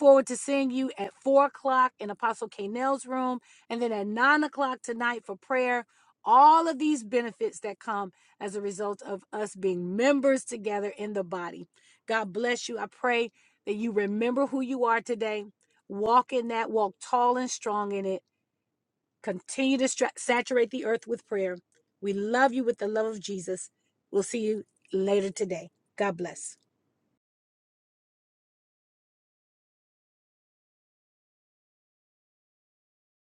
Speaker 1: forward to seeing you at o'clock in Apostle K. Nell's room, and then at nine o'clock for